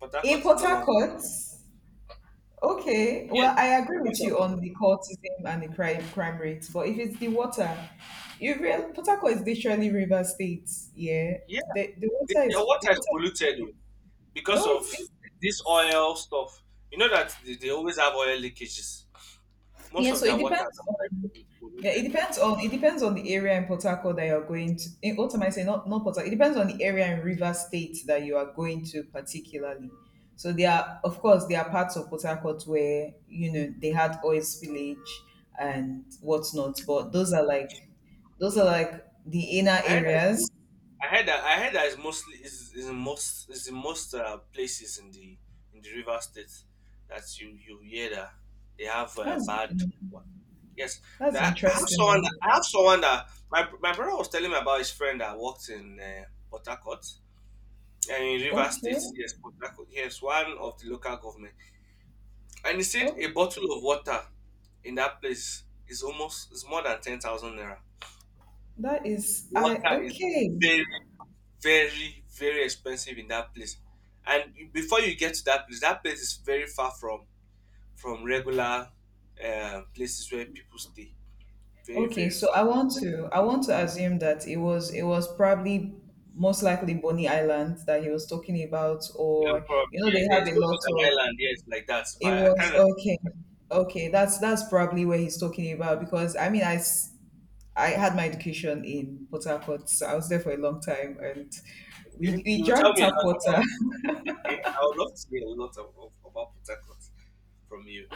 B: But that court
A: In
B: is
A: Port
B: no longer.
A: Harcourt? Okay,
B: Yeah,
A: well, I agree
B: because
A: with
B: of,
A: you on the cultism and the crime rates, but if it's the water, you real Port Harcourt is literally river states. Yeah,
B: yeah,
A: the water
B: the
A: is the
B: water is
A: water
B: polluted,
A: is
B: oh,
A: No,
B: because
A: it
B: of this
A: isn't.
B: oil stuff. You know that they always have oil leakages. Most
A: Yeah,
B: of
A: so it
B: their water are
A: depends
B: very
A: on yeah, it
B: polluted.
A: depends on it depends on the area in Port Harcourt that you're going to. In, what am I saying? Not Port Harcourt. It depends on the area in River State that you are going to particularly. So there are, of course, there are parts of Port Harcourt where you know they had oil spillage and whatnot, but those are like the inner
B: I heard that
A: areas.
B: I heard that it's mostly is in most places in the river state that you hear that they have a
A: That's
B: bad one. Yes,
A: that's
B: that
A: interesting. Though.
B: I have someone that my brother was telling me about his friend that worked in Port Harcourt and in River
A: Okay.
B: State. Yes, Port Harcourt. Yes, one of the local government, and he said
A: Oh,
B: a bottle of water in that place is almost is more than 10,000 naira.
A: that is I
B: Water is
A: okay.
B: very very expensive in that place and before you get to that place is very far from regular places where people stay very
A: Okay,
B: very
A: so
B: far.
A: I want to assume that it was probably most likely Bonny Island that he was talking about,
B: Yeah,
A: or you
B: probably,
A: know they
B: yes, yes.
A: have a
B: It's
A: lot
B: almost an
A: of
B: island, yes, like that
A: it
B: but I
A: was
B: can't
A: okay, okay that's probably where he's talking about because I mean I s- I had my education in Port Harcourt, so I was there for a long time and
B: remember.
A: we
B: Okay,
A: we
B: you tell
A: drank
B: me a
A: tap
B: lot about.
A: water.
B: Okay, I would love to hear a lot of about Port Harcourt from you.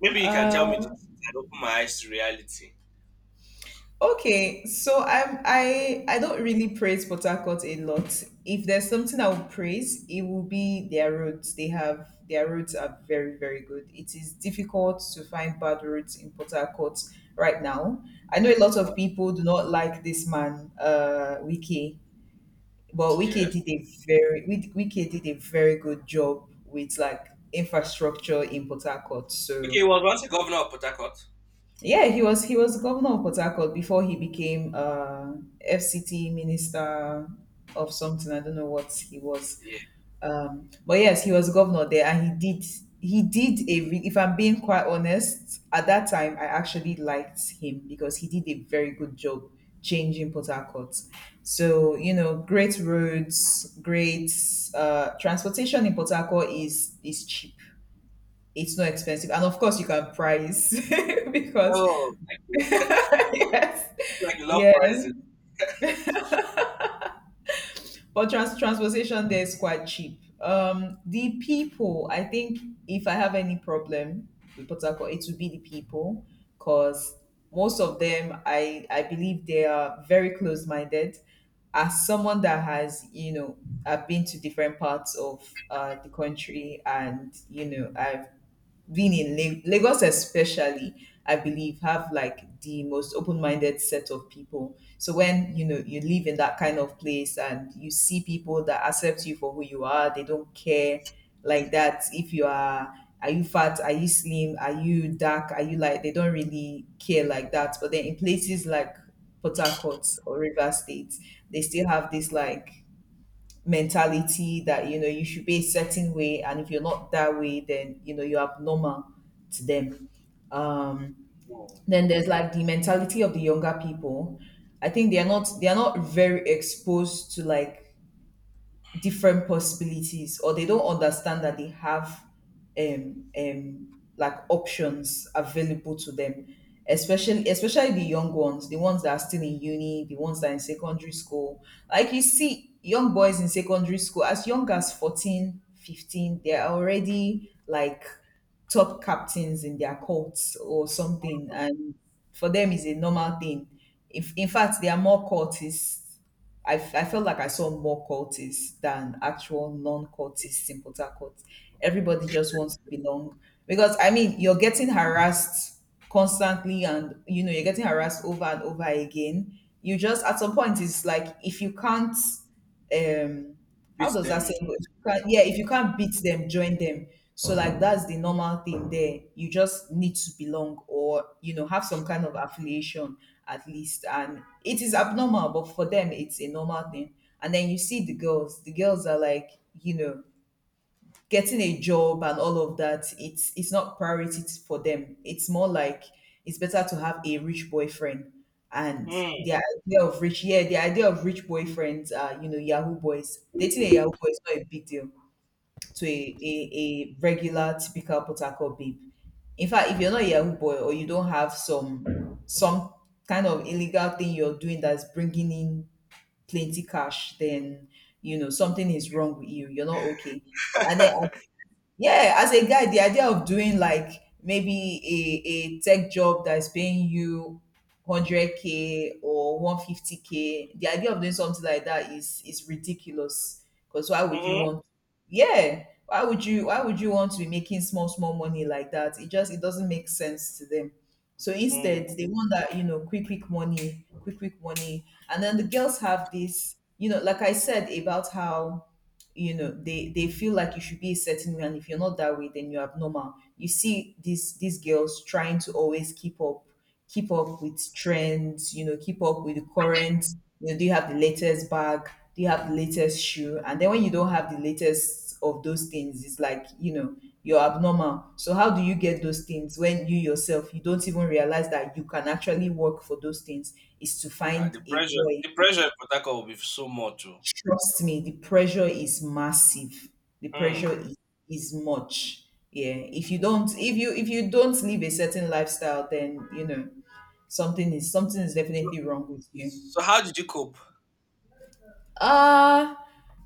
B: Maybe you can tell me this. Truth and open my eyes to reality.
A: Okay, so I don't really praise Port Harcourt a lot. If there's something I would praise, it will be their roads. They have their roads are very very good. It is difficult to find bad roads in Port Harcourt right now. I know a lot of
B: What?
A: people do not like this man, Wiki, but Wiki
B: Yes.
A: did a very Wiki did a very good job with like infrastructure in Port Harcourt. So
B: Okay, was once a governor of Port Harcourt.
A: yeah, he was governor of Port Harcourt before he became FCT minister of something. I don't know what he was.
B: Yeah.
A: But yes, he was governor there, and he did a. Re- if I'm being quite honest, at that time I actually liked him because he did a very good job changing Port Harcourt. So you know, great roads, great transportation in Port Harcourt is cheap. It's not expensive, and of course you can price because
B: Oh, okay.
A: yes,
B: It's like love
A: yes.
B: pricing.
A: But trans- transportation there is quite cheap. The people, I think, if I have any problem with Port Harcourt, it would be the people, because most of them, I believe they are very close-minded. As someone that has, you know, I've been to different parts of the country, and you know, I've being in La- Lagos, especially, I believe, have like the most open minded set of people. So when you know you live in that kind of place and you see people that accept you for who you are, they don't care like that if you are. Are you fat? Are you slim? Are you dark? Are you light? They don't really care like that. But then in places like Port Harcourt or River State, they still have this like mentality that you know you should be a certain way and if you're not that way then you know you're abnormal to them, um then there's like the mentality of the younger people. I think they are not very exposed to like different possibilities or they don't understand that they have um um like options available to them, especially the young ones, the ones that are still in uni, the ones that are in secondary school. Like you see young boys in secondary school as young as 14, 15, they're already like top captains in their courts or something, and for them is a normal thing. If in fact they are more courtists, I, f- I felt like I saw more cultists than actual non-cultists in Port Harcourt. Everybody just wants to belong because I mean you're getting harassed constantly, and you know you're getting harassed over and over again. You just at some point it's like if you can't um how
B: Beat
A: does that
B: them
A: saying
B: usually.
A: If you can't- yeah, if you can't beat them, join them. So like that's the normal thing there. You just need to belong or you know have some kind of affiliation at least. And it is abnormal, but for them it's a normal thing. And then you see the girls. The girls are like, you know, getting a job and all of that, it's not priority for them, it's more like it's better to have a rich boyfriend, and
B: Hmm.
A: the idea of rich, yeah, the idea of rich boyfriends, you know, yahoo boys, dating a yahoo boy is not a big deal to a regular typical potako babe. In fact if you're not a yahoo boy or you don't have some kind of illegal thing you're doing that's bringing in plenty cash, then you know something is wrong with you, you're not okay. And then yeah, as a guy, the idea of doing like maybe a tech job that is paying you 100k or 150k, the idea of doing something like that is ridiculous. Because why would you
B: Hmm.
A: want? Yeah, why would you want to be making small small money like that? It just it doesn't make sense to them. So instead,
B: Hmm.
A: they want that you know quick money, quick money, and then the girls have this you know like I said about how you know they feel like you should be a certain way and if you're not that way then you're abnormal. You see these girls trying to always keep up with trends, you know, keep up with the current, you know, do you have the latest bag, do you have the latest shoe, and then when you don't have the latest of those things it's like you know you're abnormal. So how do you get those things when you yourself you don't even realize that you can actually work for those things is to
B: Ah,
A: find a boy.
B: the pressure in Port Harcourt will be so much. Oh.
A: Trust me, the pressure is massive. The pressure
B: Hmm.
A: is much. Yeah. If you don't live a certain lifestyle, then you know something is
B: So,
A: definitely wrong with you.
B: so how did you cope?
A: Uh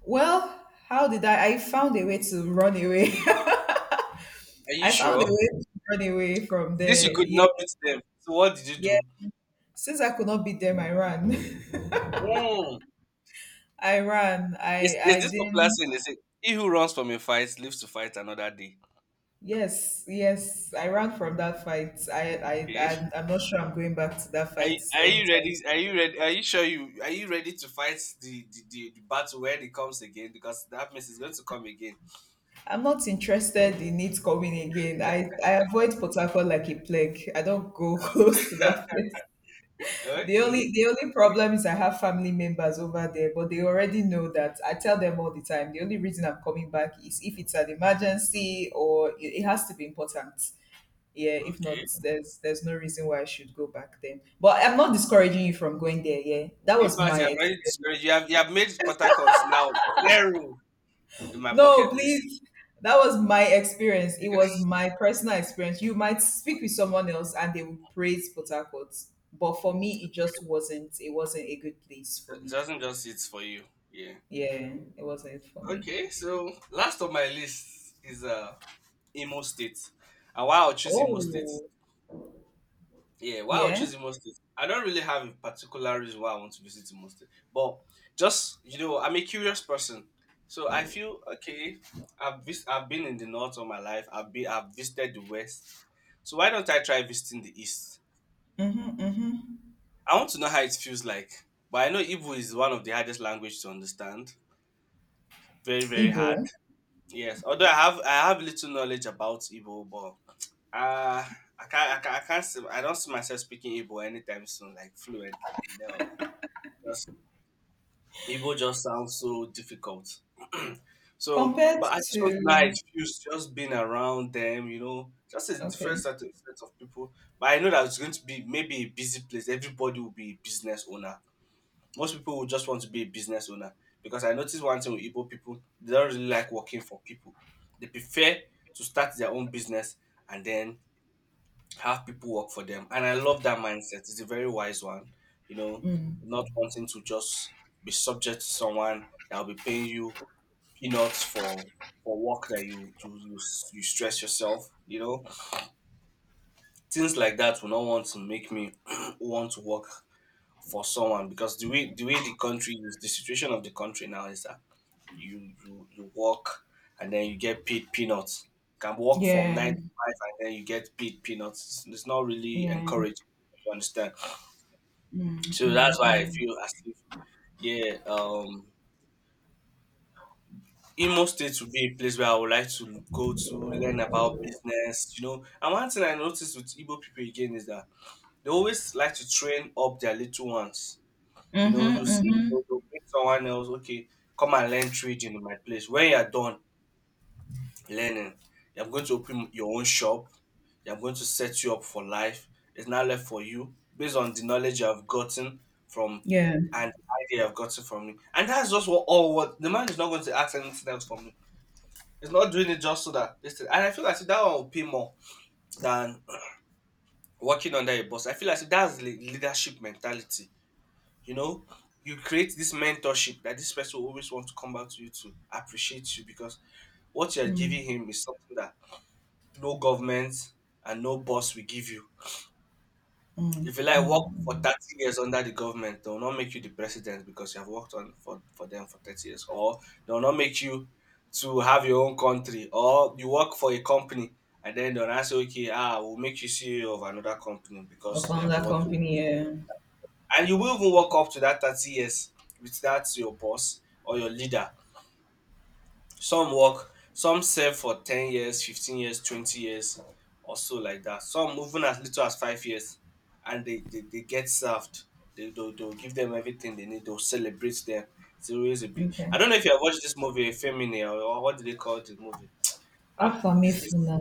A: well, how did I found a way to run away.
B: Are you
A: I found a
B: sure?
A: way to run away from
B: Since you
A: there.
B: could
A: Yeah,
B: not beat them, so what did you
A: yeah.
B: do?
A: Since I could not beat them, I ran.
B: Hmm.
A: I ran.
B: Is
A: I
B: this popular
A: didn't
B: saying? They say, "He who runs from a fight lives to fight another day."
A: Yes, yes, I ran from that fight. I, I,
B: Okay.
A: I'm, I'm not sure I'm going back to that fight
B: Are you
A: anytime
B: ready?
A: soon.
B: Are you ready? Are you sure you are you ready to fight the battle when it comes again? Because that means it's going to come again.
A: I'm not interested in it coming again. I avoid Port Harcourt like a plague. I don't go
B: Uh,
A: close to that place. The only,
B: okay.
A: the only problem is I have family members over there, but they already know that. I tell them all the time. The only reason I'm coming back is if it's an emergency or it has to be important. Yeah, if not
B: Okay.
A: there's no reason why I should go back then, but I'm not discouraging you from going there. Yeah, that
B: In
A: was
B: fact,
A: my
B: you have already
A: experience.
B: discouraged. You have made Port Harcourt now zero in my
A: No
B: bucket list.
A: please, that was my experience, it was my personal experience, you might speak with someone else and they will praise Port Harcourt, but for me it just wasn't, it wasn't a good place for
B: It
A: me.
B: doesn't just it for you. Yeah.
A: Yeah, it wasn't for me.
B: Okay, so last on my list is Imo State. And why I'll choose Imo State.
A: Oh
B: Yeah, why I'll
A: yeah.
B: choose Imo State. I don't really have a particular reason why I want to visit Imo State. But just, I'm a curious person. So I feel okay, I've been in the north all my life, I've visited the west. So why don't I try visiting the east?
A: Mm-hmm, mm-hmm.
B: I want to know how it feels like, but I know Igbo is one of the hardest language to understand. Very, very hard.
A: Igbo
B: Yes. Although I have little knowledge about Igbo, but uh, I don't see myself speaking Igbo anytime soon, like fluently. No, because Igbo just sounds so difficult. So,
A: compared
B: but I just want to know how
A: to
B: it feels just being around them. You know, just a different
A: okay.
B: set of people. But I know that it's going to be maybe a busy place. Everybody will be a business owner. Most people would just want to be a business owner, because I noticed one thing with Igbo people, they don't really like working for people. They prefer to start their own business and then have people work for them. And I love that mindset. It's a very wise one, you know, not wanting to just be subject to someone that will be paying you peanuts for work that you stress yourself. Things like that will not want to make me want to work for someone, because the way the country is, the situation of the country now is that you work and then you get paid peanuts. Can work from
A: Yeah.
B: nine to five and then you get paid peanuts. It's not really
A: Yeah.
B: encouraged. You understand?
A: Mm,
B: So
A: mm,
B: that's why I
A: mm.
B: feel as if, yeah, Imo State would be a place where I would like to go to learn about business. You know, and one thing I noticed with Igbo people again is that they always like to train up their little ones. You
A: Mhm,
B: know, you see,
A: mhm.
B: they'll bring someone else. Okay, come and learn trading in my place. When you're done learning, you're going to open your own shop. You're going to set you up for life. It's now left for you based on the knowledge you have gotten from,
A: Yeah.
B: and the idea you have gotten from me. And that's just what, all what the man is not going to ask anything else from me. It's not doing it just so that this thing. And I feel like that one will pay more than working under a boss. I feel like that's the leadership mentality. You know, you create this mentorship that this person will always want to come back to you to appreciate you, because what you're giving him is something that no government and no boss will give you.
A: Mm,
B: If you
A: mm,
B: like work for
A: mm.
B: 30 years under the government, they'll not make you the president because you have worked on for them for 30 years. Or they'll not make you to have your own country. Or you work for a company and then they'll now say, okay, we'll make you CEO of another company
A: Or
B: because you
A: found
B: have been
A: that
B: working.
A: company, yeah.
B: And you will even work up to that 30 years with that your boss or your leader. Some work, some serve for 10 years, 15 years, 20 years, or so like that. Some even as little as 5 years, and they get served. They'll give them everything they need, they'll celebrate them. It's always a big.
A: Okay.
B: I don't know if you have watched this movie, Femini, or what do they call the movie? Ah, this.
A: Afamifuna.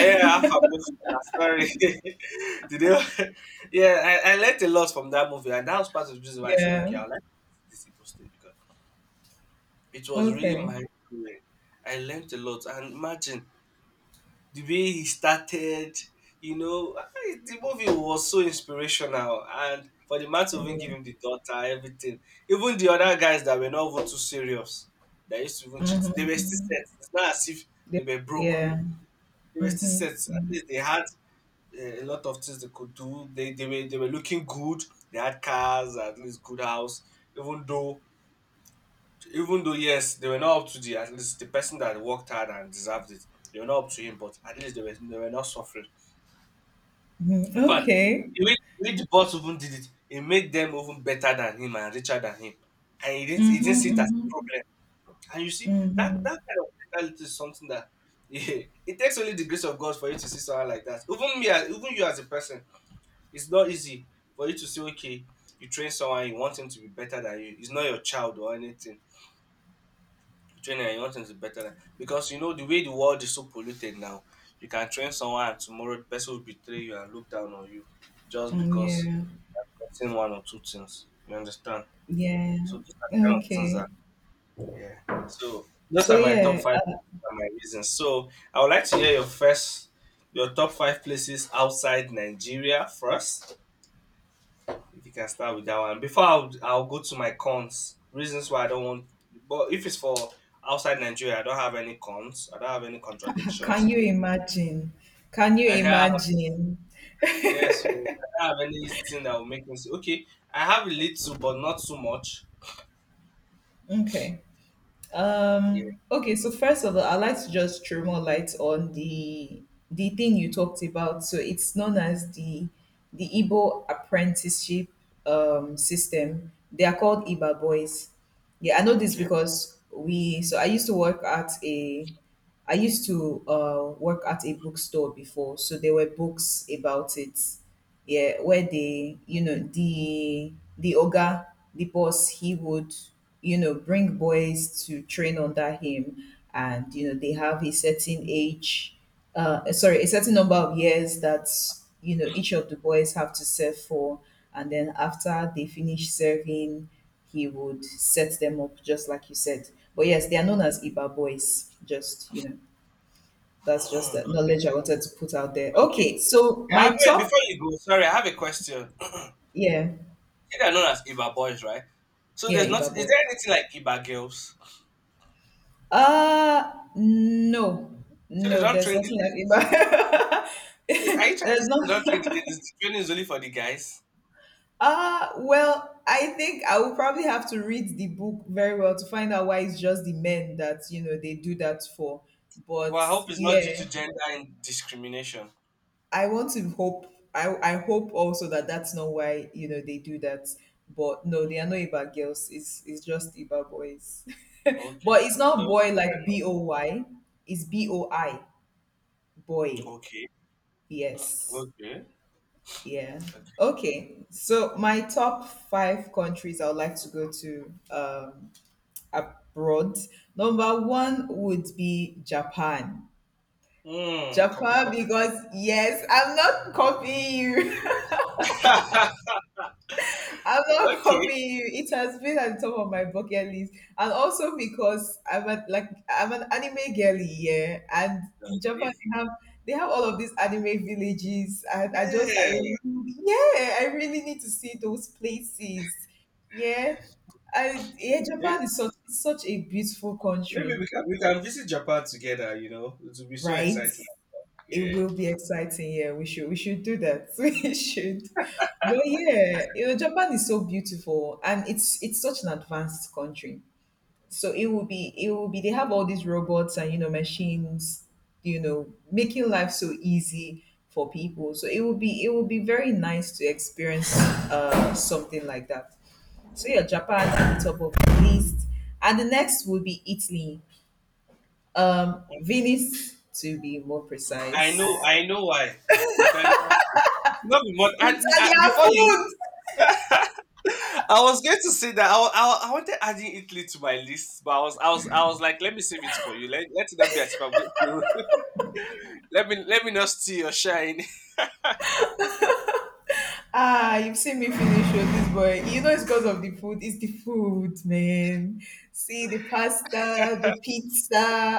B: Yeah, Alpha Bloodstar, sorry. Did you? Yeah, I learned a lot from that movie, and that was part of the reason why I said,
A: Yeah.
B: okay, I like this Igbo state because it was really
A: Okay.
B: mind-blowing. I learnt a lot and imagine the way he started, you know, the movie was so inspirational, and for the man to even
A: Mm-hmm.
B: give him the daughter, everything. Even the other guys that were not even too serious, that used to even cheat, they were still set. It's not as if they were broke.
A: Yeah.
B: They were still
A: Mm-hmm.
B: set. At least they had a lot of things they could do. They were looking good. They had cars, at least good house. Even though yes, they were not up to the at least the person that worked hard and deserved it. They were not up to him, but at least they were not suffering.
A: Mm-hmm.
B: In fact,
A: Okay.
B: the way the boss even did it, it made them even better than him and richer than him. And he didn't see
A: Mm-hmm.
B: it as a
A: Mm-hmm.
B: problem. And you see that that
A: Mm-hmm.
B: kind of mentality is something that yeah, it takes only the grace of God for you to see someone like that. Even me, even you as a person, it's not easy for you to say, okay, you train someone, you want him to be better than you. It's not your child or anything. Train and you want them better than, because you know the way the world is so polluted now, you can train someone and tomorrow the person will betray you and look down on you just
A: Mm,
B: because
A: yeah.
B: you've gotten one or two things. You understand?
A: Yeah.
B: So these are kind of things
A: Okay.
B: that, yeah. So those
A: So
B: are my top
A: yeah,
B: five, are my reasons. So I would like to hear your first, your top five places outside Nigeria first. If you can start with that one. Before I'll go to my cons, reasons why I don't want. But if it's for outside Nigeria, I don't have any cons. I don't have any
A: can
B: contradictions.
A: you imagine? Can you
B: I can't have,
A: imagine?
B: yes, so I don't have anything that will make me say, okay, I have a little, but not so much.
A: Okay.
B: Yeah.
A: Okay, so first of all, I'd like to just throw more light on the thing you talked about. So it's known as the Igbo apprenticeship system. They are called Iba boys. Yeah, I know this
B: Okay.
A: because we. So I used to work at a. I used to work at a bookstore before, so there were books about it, yeah, where they, you know, the oga, the boss, he would, you know, bring boys to train under him, and you know, they have a certain age, a certain number of years that you know each of the boys have to serve for, and then after they finish serving, he would set them up just like you said. But yes, they are known as Iba boys. That's just the
B: Okay.
A: knowledge I wanted to put out there.
B: Okay.
A: Okay, so
B: I
A: my
B: have, wait,
A: top,
B: before you go, sorry, I have a question.
A: yeah.
B: See, they're known as Iba boys, right? So
A: Yeah,
B: there's not,
A: Iba
B: is
A: boy.
B: there anything like Iba girls?
A: No.
B: So they
A: No,
B: don't
A: there's
B: train the
A: nothing like
B: ladies.
A: Iba.
B: Are you trying to
A: there's
B: say they don't train the
A: not
B: ladies? The training is only for the guys?
A: well, I think I will probably have to read the book very well to find out why it's just the men that, they do that for. But
B: Well, I hope it's not due to
A: yeah,
B: gender and discrimination.
A: I want to hope I hope also that that's not why, they do that. But no, they are not Iba girls. It's just Iba boys.
B: Okay.
A: but it's not
B: Although—
A: boy like boy. It's boi. Boy,
B: Okay.
A: yes.
B: Okay.
A: Yeah.
B: Okay.
A: Okay. So my top 5 countries I would like to go to abroad. number 1 would be Japan.
B: Mm, copy,
A: Japan,
B: copy.
A: because yes, I'm not copying you. I'm not
B: Okay.
A: copying you. It has been at the top of my bucket list, and also because I'm a, like I'm an anime girly, yeah. And in Japan,
B: Okay.
A: they have all of these anime villages. And I
B: Yeah.
A: really- yeah, I really need to see those places. Yeah,
B: Okay.
A: Japan is such a beautiful
B: Maybe
A: country,
B: we can visit Japan together. You know, it will be so
A: right?
B: exciting.
A: It
B: Yeah.
A: will be exciting. Yeah, we should do that. we should. But yeah, you know, Japan is so beautiful and it's such an advanced country. So it will be, they have all these robots and you know machines, you know, making life so easy for people. So it will be very nice to experience something like that. So yeah, Japan at the top of the list, and the next will be Italy. Venice to be more
B: I
A: precise.
B: know. I know why. Italian food. It's not be more,
A: Italian
B: before you,
A: food.
B: I was going to say that I wanted adding Italy to my list, but I was like, let me save it for you. Let it not be as if I'm going to. Let me not steal your shine.
A: Ah, you've seen me finish with this boy. You know it's because of the food. It's the food, man. See the pasta, the pizza.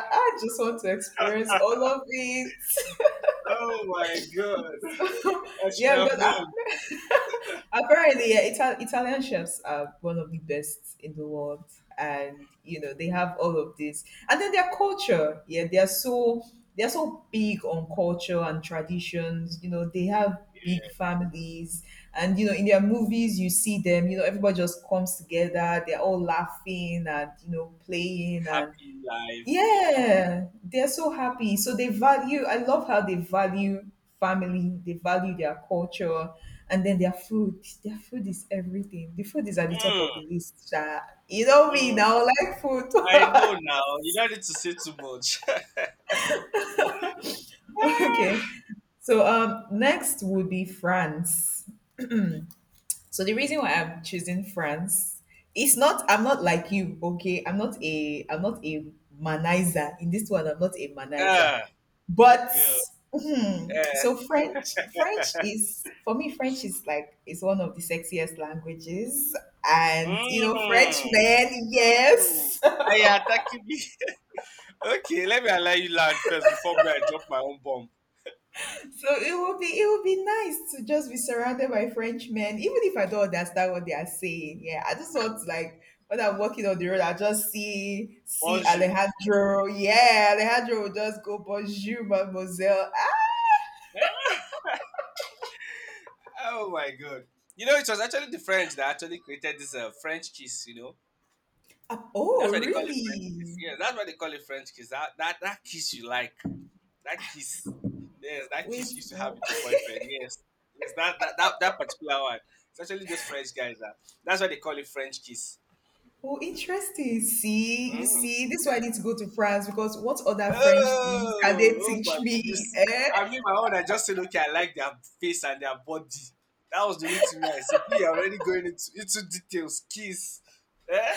A: I just want to experience all of it.
B: Oh my god.
A: So,
B: I should
A: yeah,
B: have
A: because
B: known.
A: I Apparently, yeah, Italian chefs are one of the best in the world, and you know they have all of this, and then their culture. Yeah, they are so big on culture and traditions. You know, they have big
B: Yeah.
A: families, and you know in their movies you see them. You know, everybody just comes together. They're all laughing and you know playing and
B: Happy life. Yeah.
A: yeah, they're so happy. So I love how they value family, they value their culture, and then their food. Their food is everything. The food is at the top
B: Mm,
A: of the list. Sha. You know me
B: mm.
A: now, like food.
B: I know now. You don't need to say too much. Ah,
A: Okay. So next would be France. So the reason why I'm choosing France, it's not I'm not like you, okay? I'm not a manizer. In this one, I'm not a manizer.
B: ah,
A: But
B: okay.
A: hmm,
B: Yeah.
A: so French is like is one of the sexiest languages. And you know, French
B: Mm,
A: men,
B: mm.
A: yes.
B: Are you attacking me? Okay, let me allow you land first before me I drop my own bomb.
A: So it would be nice to just be surrounded by French men, even if I don't understand what they are saying. Yeah, I just want to like, when I'm walking on the road, I just see
B: Bonjour.
A: Alejandro. Yeah, Alejandro will just go bonjour, mademoiselle.
B: Oh my god. You know, it was actually the French that actually created this French kiss.
A: Ah, oh,
B: That's why they call it French kiss.
A: really?
B: Yes, that's why they call it French kiss. That kiss you like. That kiss. Yes, that
A: Wait,
B: kiss you used to have
A: no.
B: with your boyfriend. Yes. Yes, that particular one. It's actually those French guys that that's why they call it French kiss.
A: Oh, interesting. See, you
B: Mm.
A: see, this is why I need to go to France, because what other French things can they
B: Oh, oh
A: teach
B: my, you
A: me?
B: see,
A: Eh?
B: I mean, my own, I just said, okay, I like their face and their body. That was the only thing I said. We are already going into details. Kiss. Eh?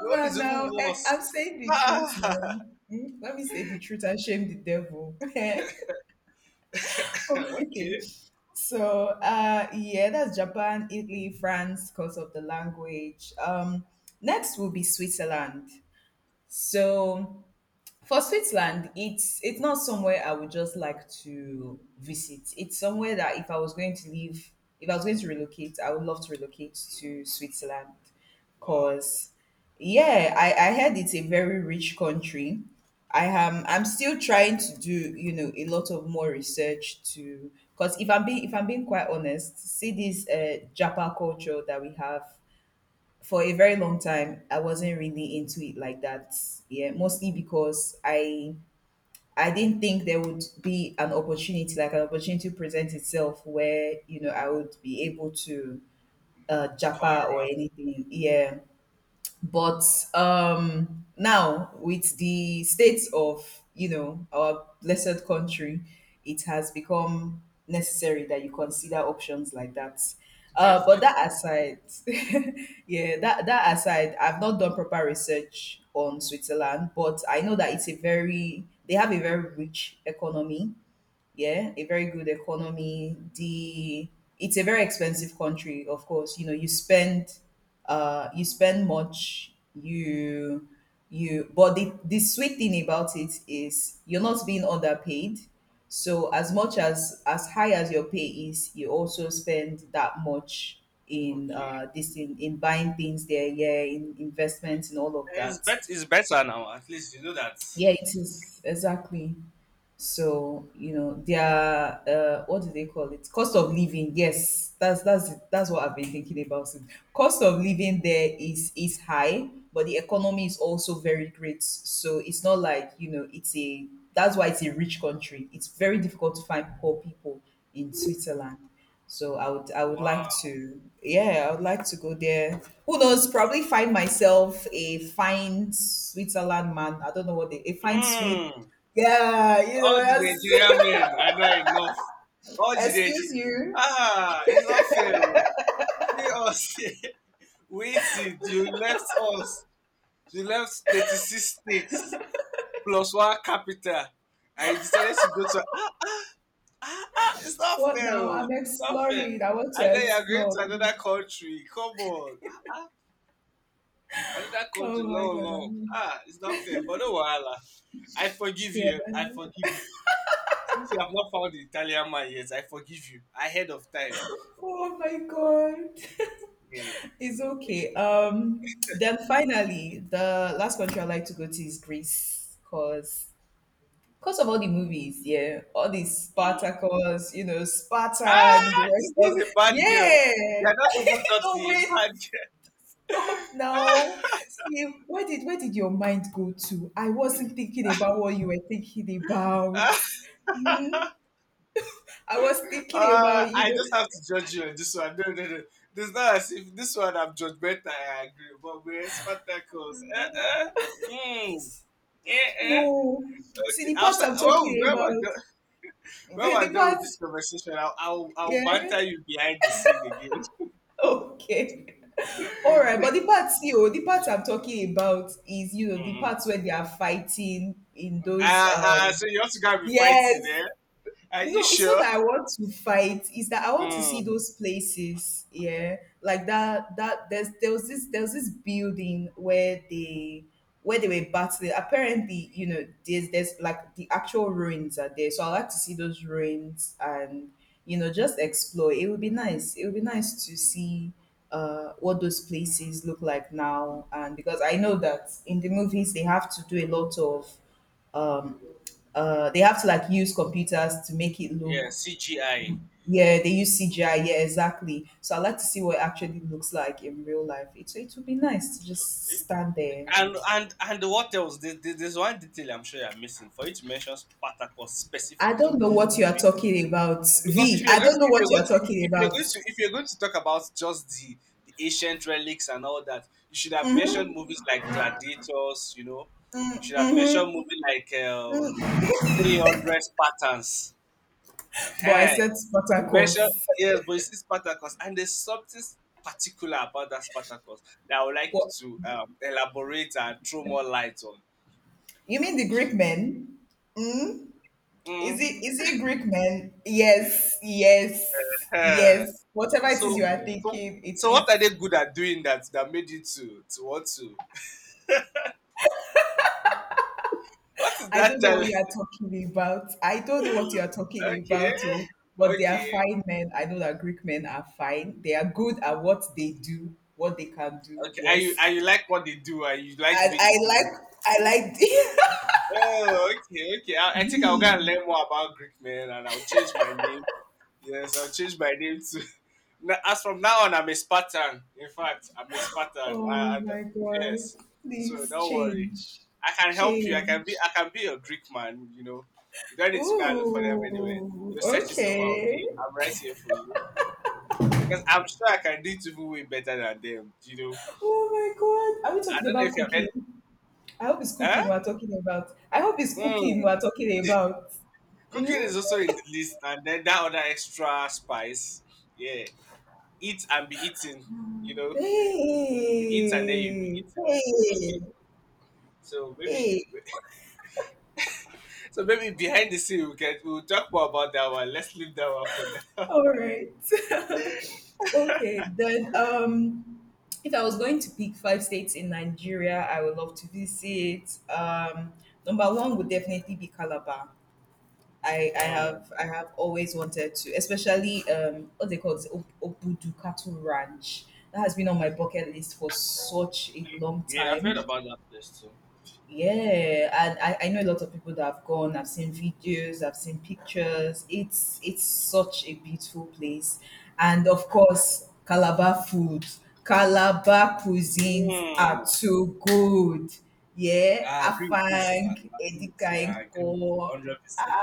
B: Your
A: Come
B: one
A: on
B: is even
A: now. Eh, I'm
B: worse.
A: saying the truth now. Hmm? Let me say the truth and shame the devil. okay.
B: Okay.
A: So yeah, that's Japan, Italy, France because of the language. Next will be Switzerland. So for Switzerland, it's not somewhere I would just like to visit. It's somewhere that if I was going to leave, if I was going to relocate, I would love to relocate to Switzerland.
B: Wow.
A: Cause yeah, I heard it's a very rich country. I'm still trying to do, you know, a lot of more research to, because if I'm being quite honest, see this Japa culture that we have, for a very long time I wasn't really into it like that, yeah, mostly because I didn't think there would be an opportunity, like an opportunity to present itself where you know I would be able to Japa or
B: Taram,
A: anything, yeah. But now with the state of you know our blessed country, it has become necessary that you consider options like that. But
B: definitely.
A: that aside, yeah, that aside, I've not done proper research on Switzerland, but I know that it's a very they have a very rich economy, yeah, a very good economy. The It's a very expensive country, of course. You know, you spend much, you, but the sweet thing about it is you're not being underpaid. So as much as high as your pay is, you also spend that much in
B: Okay.
A: in buying things there, yeah, in investments and all of
B: It's,
A: that.
B: bet- it's better now. At least you know that.
A: Yeah, it is exactly. So you know their what do they call it? Cost of living. Yes, that's it. That's what I've been thinking about. It. Cost of living there is high, but the economy is also very great. So it's not like, you know, it's a that's why it's a rich country. It's very difficult to find poor people in Switzerland. So I would like
B: Wow.
A: to, yeah, I would like to go there. Who knows? Probably find myself a fine Switzerland man. I don't know what they, a fine sweet,
B: Mm.
A: yeah, you know,
B: All the
A: yes.
B: Nigerian men are not enough. All the
A: Excuse
B: Nigerian.
A: you.
B: Ah, it's not fair, oh. See us. Waited. You left us. You left 36 states plus one capital. And you decided to go to. Ah, it's not
A: What
B: fair,
A: now? I'm
B: oh. It's not fair.
A: exploring. I want
B: And
A: to
B: then you're going
A: explore,
B: to
A: please.
B: another country. Come on. Another
A: Oh
B: country,
A: my
B: long long,
A: god.
B: ah, it's not fair, but no wahala. I forgive
A: Yeah.
B: you, I forgive you, since you have not found the Italian man yet. I forgive you ahead of time.
A: Oh my god.
B: Yeah.
A: It's okay. Then finally, the last country I like to go to is Greece, because of all the movies, yeah, all these
B: Mm.
A: Spartacus, you know, Sparta and the
B: Ah,
A: rest
B: this girl
A: of
B: is a bad girl.
A: yeah.
B: You are not even
A: No
B: naughty, a
A: wait.
B: bad
A: Stop now. See, where did your mind go to? I wasn't thinking about what you were thinking about.
B: girl.
A: Hmm? I was thinking
B: Ah,
A: about you
B: I just have
A: know.
B: to judge you on this one. No, no, no, it's not as if this one I'm judgmental. I agree, but we are tackles. Eh eh. Hmm. Eh eh.
A: No. See
B: Okay,
A: the parts
B: outside,
A: I'm
B: well
A: talking
B: well well done.
A: about.
B: When
A: Eh, the
B: we're done with this
A: parts,
B: conversation, I'll
A: yeah.
B: banter you behind the scene again.
A: Okay. All right, but the parts, you know, the parts I'm talking about is, you know, the
B: Mm.
A: parts where they are fighting in those
B: Uh, uh, so you also gotta be
A: yes,
B: fighting there. Are you
A: no, it's not
B: sure?
A: that I want to fight. It's that I want to see
B: Mm,
A: those places. Yeah, like that. That there was this building where they were battling. Apparently, you know, there's like the actual ruins are there. So I like to see those ruins and you know just explore. It would be nice. It would be nice to see what those places look like now. And because I know that in the movies they have to do a lot of um they have to like use computers to make it look,
B: yeah, CGI.
A: yeah, they use CGI, yeah, exactly. So I like to see what it actually looks like in real life. It would be nice to just stand there and
B: And what else? There's one detail I'm sure you're missing. For you to mention Spartacus
A: I
B: specifically.
A: don't know what you are talking about,
B: Because if
A: V. I
B: you're going to,
A: don't know
B: if
A: what
B: you're
A: you
B: going
A: are
B: to, if,
A: talking
B: if you're going
A: about,
B: to, if you're going to talk about just the ancient relics and all that, you should have mentioned movies like Gladiators. You know, you should have mentioned movies like 300 Spartans.
A: but I
B: Uh,
A: said
B: you mentioned.
A: Spartacus.
B: Yes, but it's Spartacus, and there's something particular about that Spartacus that I would like
A: What,
B: to elaborate and throw more light on.
A: you mean the Greek men?
B: Mm.
A: Is it Greek men? Yes, yes,
B: Eh.
A: yes, whatever it is you
B: So,
A: are
B: so,
A: thinking it
B: so, what are they
A: is.
B: good at doing that that made you to want to. What is
A: I don't
B: that
A: know what
B: telling?
A: you are talking about. I don't know what you are talking
B: Okay,
A: about, oh, but they are
B: okay,
A: fine men. I know that Greek men are fine. They are good at what they do, what they can do.
B: okay. Are you, are
A: Yes.
B: you like what they do? Are you like the
A: And
B: way
A: I
B: they do
A: like, I
B: it?
A: like.
B: Oh, okay, okay. I, I think I'll go and
A: V.
B: learn more about Greek men, and I'll change my name. Yes, I'll change my name to. As from now on, I'm a Spartan. In fact, I'm a Spartan.
A: Oh my God.
B: Yes, so
A: Please
B: don't worry.
A: change.
B: I can help you. I can be.
A: Change.
B: I can be a Greek man. You know, you don't need to go and look for them anywhere.
A: Ooh,
B: Your search is over. Okay,
A: okay.
B: I'm right here for you, because I'm sure I can do it even way better than them. You know,
A: Oh my God. Are we
B: I
A: talking
B: don't know
A: about
B: if you have heard.
A: cooking? I hope it's
B: Huh?
A: cooking we're talking about. I hope it's cooking
B: Mm.
A: we're talking about.
B: Cooking is
A: Mm?
B: also in the list, and then that other extra spice. Yeah, eat and be eaten. You know,
A: Hey,
B: you eat and then you be eaten. Okay,
A: hey,
B: so maybe,
A: hey.
B: so maybe behind the scene we'll talk more about that one. Let's leave that one for now.
A: All right. Okay, then if I was going to pick 5 states in Nigeria I would love to visit, um, number 1 would definitely be Calabar. I, I
B: Mm.
A: have I have always wanted to, especially what they call it, Obudukatu Ranch. That has been on my bucket list for such a long
B: Yeah, I've heard
A: time.
B: about that place too.
A: Yeah, and I know a lot of people that have gone. I've seen videos, I've seen pictures. It's such a beautiful place, and of course, Calabar food, Calabar cuisines are
B: Mm.
A: too good. Yeah,
B: I agree with you, Sha. I
A: Afang,
B: agree with you. I agree with you.
A: Edikainko,
B: 100%.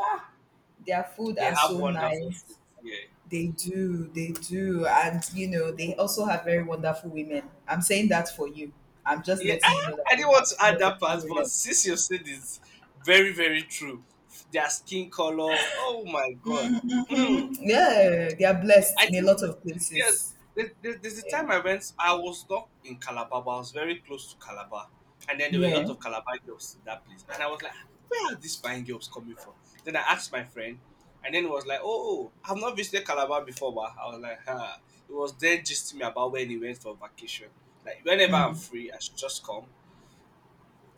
A: their food
B: They
A: are
B: have
A: so
B: wonderful food.
A: nice.
B: Yeah.
A: They do, and you know they
B: Mm.
A: also have very wonderful women. I'm saying that for you. I'm just
B: Yeah,
A: letting you know that
B: I
A: they
B: didn't
A: have
B: want to add that
A: wonderful
B: part, but
A: women.
B: since you said it's very, very true. Their skin color, oh my god. Hmm.
A: Mhm. Yeah, they are
B: Yeah,
A: blessed
B: I
A: in a
B: think
A: lot of
B: yes.
A: places.
B: There's a
A: Yeah,
B: time I went. I was not in Calabar, but I was very close to Calabar, and then there were a lot
A: yeah,
B: of Calabar girls in that place, and I was like, where are these fine girls coming from? Then I asked my friend, and then it was like, oh, oh, I've not visited Calabar before, but I was like, huh. It was then just me about when he went for vacation. Like whenever I'm free, I should just come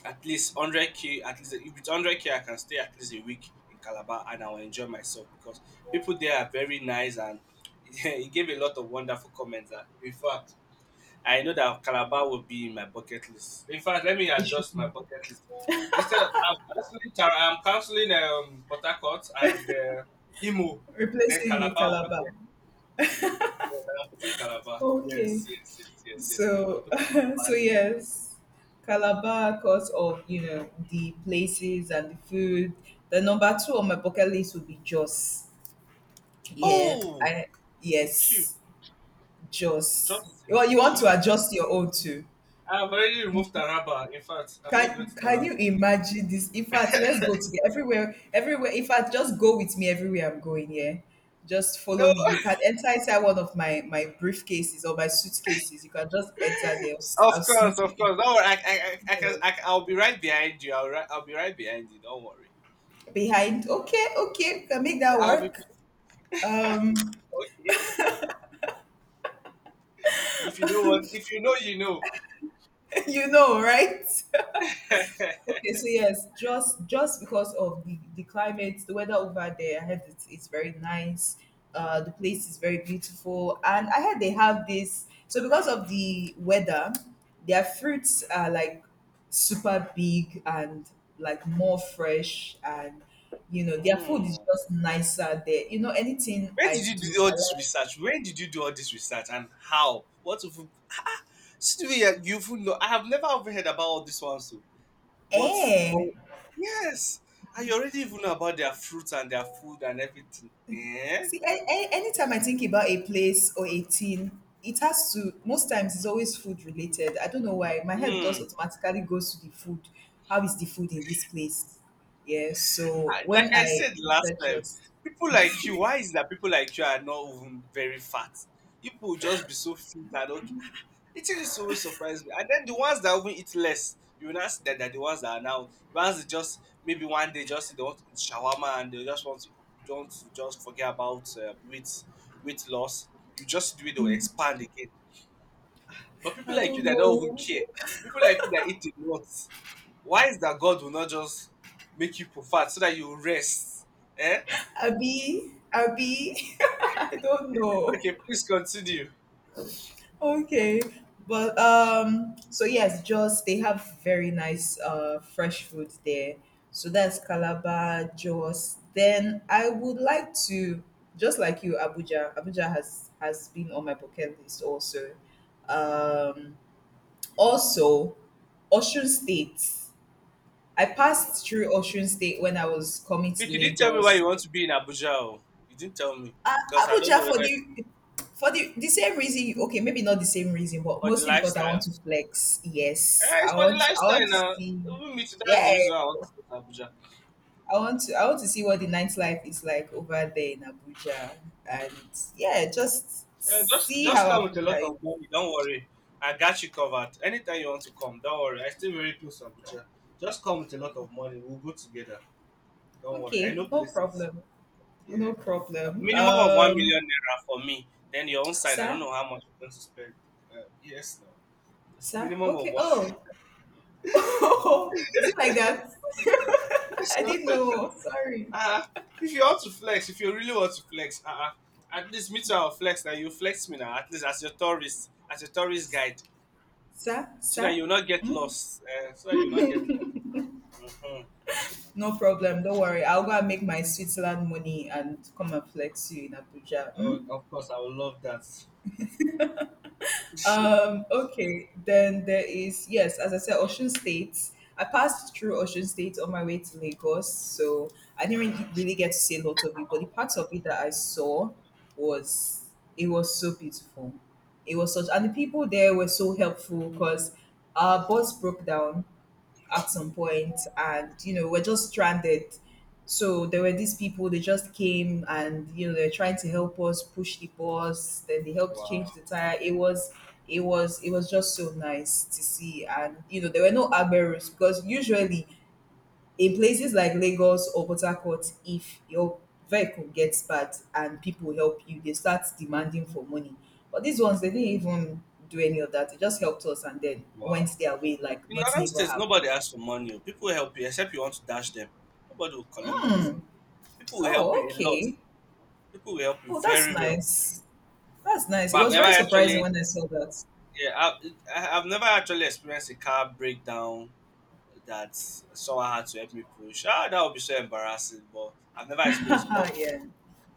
B: at least 100k. At least if it's 100k I can stay at least a week in Calabar and I will enjoy myself, because people there are very nice, and he gave a lot of wonderful comments that in fact I know that Calabar will be in my bucket list. In fact, let me
A: it should
B: adjust
A: be
B: my bucket list. Instead of I'm counseling Tara, I'm counseling Port Harcourt and Imo, then
A: replacing
B: Calabar
A: with
B: will be
A: Calabar.
B: there. Yes, I'm putting Calabar. Yes,
A: Okay,
B: yes, yes, yes, yes, I'm
A: so
B: putting
A: so
B: Calabar there.
A: yes, Calabar because of you know the places and the food. The number 2 on my bucket list would be Jos. Yeah,
B: Oh,
A: I
B: cute.
A: yes, Jos.
B: Justin
A: Well, you want to
B: Gee.
A: adjust your own too.
B: I've already removed Taraba. In fact, I'm not going
A: Can
B: to
A: can
B: Taraba
A: you
B: again.
A: imagine this? In fact, let's go together, everywhere, everywhere. In fact, just go with me everywhere I'm going, yeah. Just
B: No,
A: follow me. You can enter inside one of my briefcases or my suitcases. You can just enter there. I'll,
B: of
A: I'll
B: course,
A: sneak you
B: of
A: in.
B: course. Don't worry. I
A: Don't
B: can,
A: worry.
B: I'll be right behind you. I'll be right behind you. Don't worry.
A: Behind. Okay, okay, can make that
B: I'll be
A: work. Um,
B: Okay. If you know what, if you know, you know.
A: you know, right? Okay, so yes, just because of the climate, the weather over there, I heard it's very nice. The place is very beautiful, and I heard they have this. So because of the weather, their fruits are like super big and like more fresh, and you know their food is
B: Hmm.
A: just nicer there. You know anything
B: Where
A: I
B: did you
A: do,
B: do
A: I
B: all this
A: like.
B: research? Where did you do all this research and how? What if Sylvia, you even know I have never even heard about all these ones too. But but
A: Eh.
B: yes, I already even know about their fruits and their food and everything. Eh?
A: See, anytime I think about a place or a team, it has to, most times it's always food related. I don't know why. My head just
B: Hmm.
A: automatically goes to the food. How is the food in this place? Yeah, so
B: I- like
A: when
B: I
A: I
B: said last
A: research
B: time,
A: just,
B: people like you, why is it that people like you are not even very fat? People will just be so fit and okay. It is always surprise me. And then the ones that even eat less, you will not see that they're the ones that are now ones that just maybe one day just they want to eat shawarma and they just want to don't just forget about weight weight loss. You just do it, they will expand again. But people
A: I
B: like you
A: don't
B: that don't even
A: know.
B: care, people like you that eat a lot, why is that God will not just make you for fat so that you rest? Eh?
A: Abi, Abi, I don't know.
B: Okay, please continue.
A: Okay. But so yes, Jos, they have very nice fresh food there. So that's Calabar, Jos. Then I would like to, just like you, Abuja. Abuja has been on my bucket list also. Um Also Ocean State. I
B: Mm.
A: passed through Ocean State when I was coming
B: But
A: to
B: you didn't tell me why
A: Lagos.
B: you want to be in Abuja. Oh. You didn't tell me
A: A
B: because I don't
A: Abuja
B: know
A: for
B: whether
A: the, for the same reason you, okay, maybe not the same reason, but
B: for the
A: mostly because I want
B: lifestyle.
A: to flex. Yes.
B: Eh, it's
A: I
B: for the
A: want to, I want
B: lifestyle
A: to
B: now.
A: see.
B: Even me too. That's
A: Yeah.
B: the reason why I want to go to Abuja.
A: I want to, I want to see what the nightlife is like over there in Abuja. And yeah, just
B: Eh,
A: see how
B: just come with a lot
A: Abuja is.
B: of money. Don't worry. I got you covered. Anytime you want to come, don't worry. I stay very close to Abuja. Just come with a lot of money. We'll go together. Don't worry. I
A: Okay,
B: know
A: no
B: places.
A: problem.
B: Yeah.
A: No problem.
B: Minimum of one
A: Um,
B: million naira for me. Then your own side. I don't
A: sir?
B: know how much you're going to spend. Yes, no.
A: Sir?
B: Minimum of
A: Okay.
B: one.
A: Oh. Oh, is it like that? I
B: So,
A: didn't know. Sorry.
B: uh, if you want to flex, if you really want to flex, at least me too, I'll flex. Now you flex me now, at least as your tourist guide,
A: Sir?
B: so that
A: Sir?
B: you will not get
A: Hmm?
B: lost. So that you will not get lost. Mhm.
A: No problem. Don't worry. I'll go and make my Switzerland money and come and flex you in Abuja.
B: Oh,
A: Mm?
B: of course, I would love that.
A: Okay. Then there is, yes, as I said, Ocean State. I passed through Ocean State on my way to Lagos. So I didn't really get to see a lot of it, but the parts of it that I saw was, it was so beautiful. It was such, and the people there were so helpful because our bus broke down at some point, and you know we're just stranded, so there were these people, they just came and you know they're trying to help us push the bus, then they helped change
B: Wow,
A: the tire. It was it was just so nice to see, and you know there were no agberos, because usually in places like Lagos or Port Harcourt, if your vehicle gets bad and people help you, they start demanding for money. But these ones, they didn't even do any of that. They just helped us and then
B: wow.
A: went their way like
B: In northern
A: nothing ever
B: states,
A: happened.
B: nobody asks for money, oh. People will help you, except you want to dash them. Nobody will collect money from you. People will help
A: Oh,
B: you a lot.
A: okay.
B: People will help you
A: Oh, that's
B: very well.
A: nice. That's nice. It
B: But I've
A: was
B: never
A: very surprising
B: actually,
A: when I saw that.
B: Yeah, I've never actually experienced a car breakdown that someone had to help me push. Ah, that would be so embarrassing, but I've never experienced. But
A: yeah.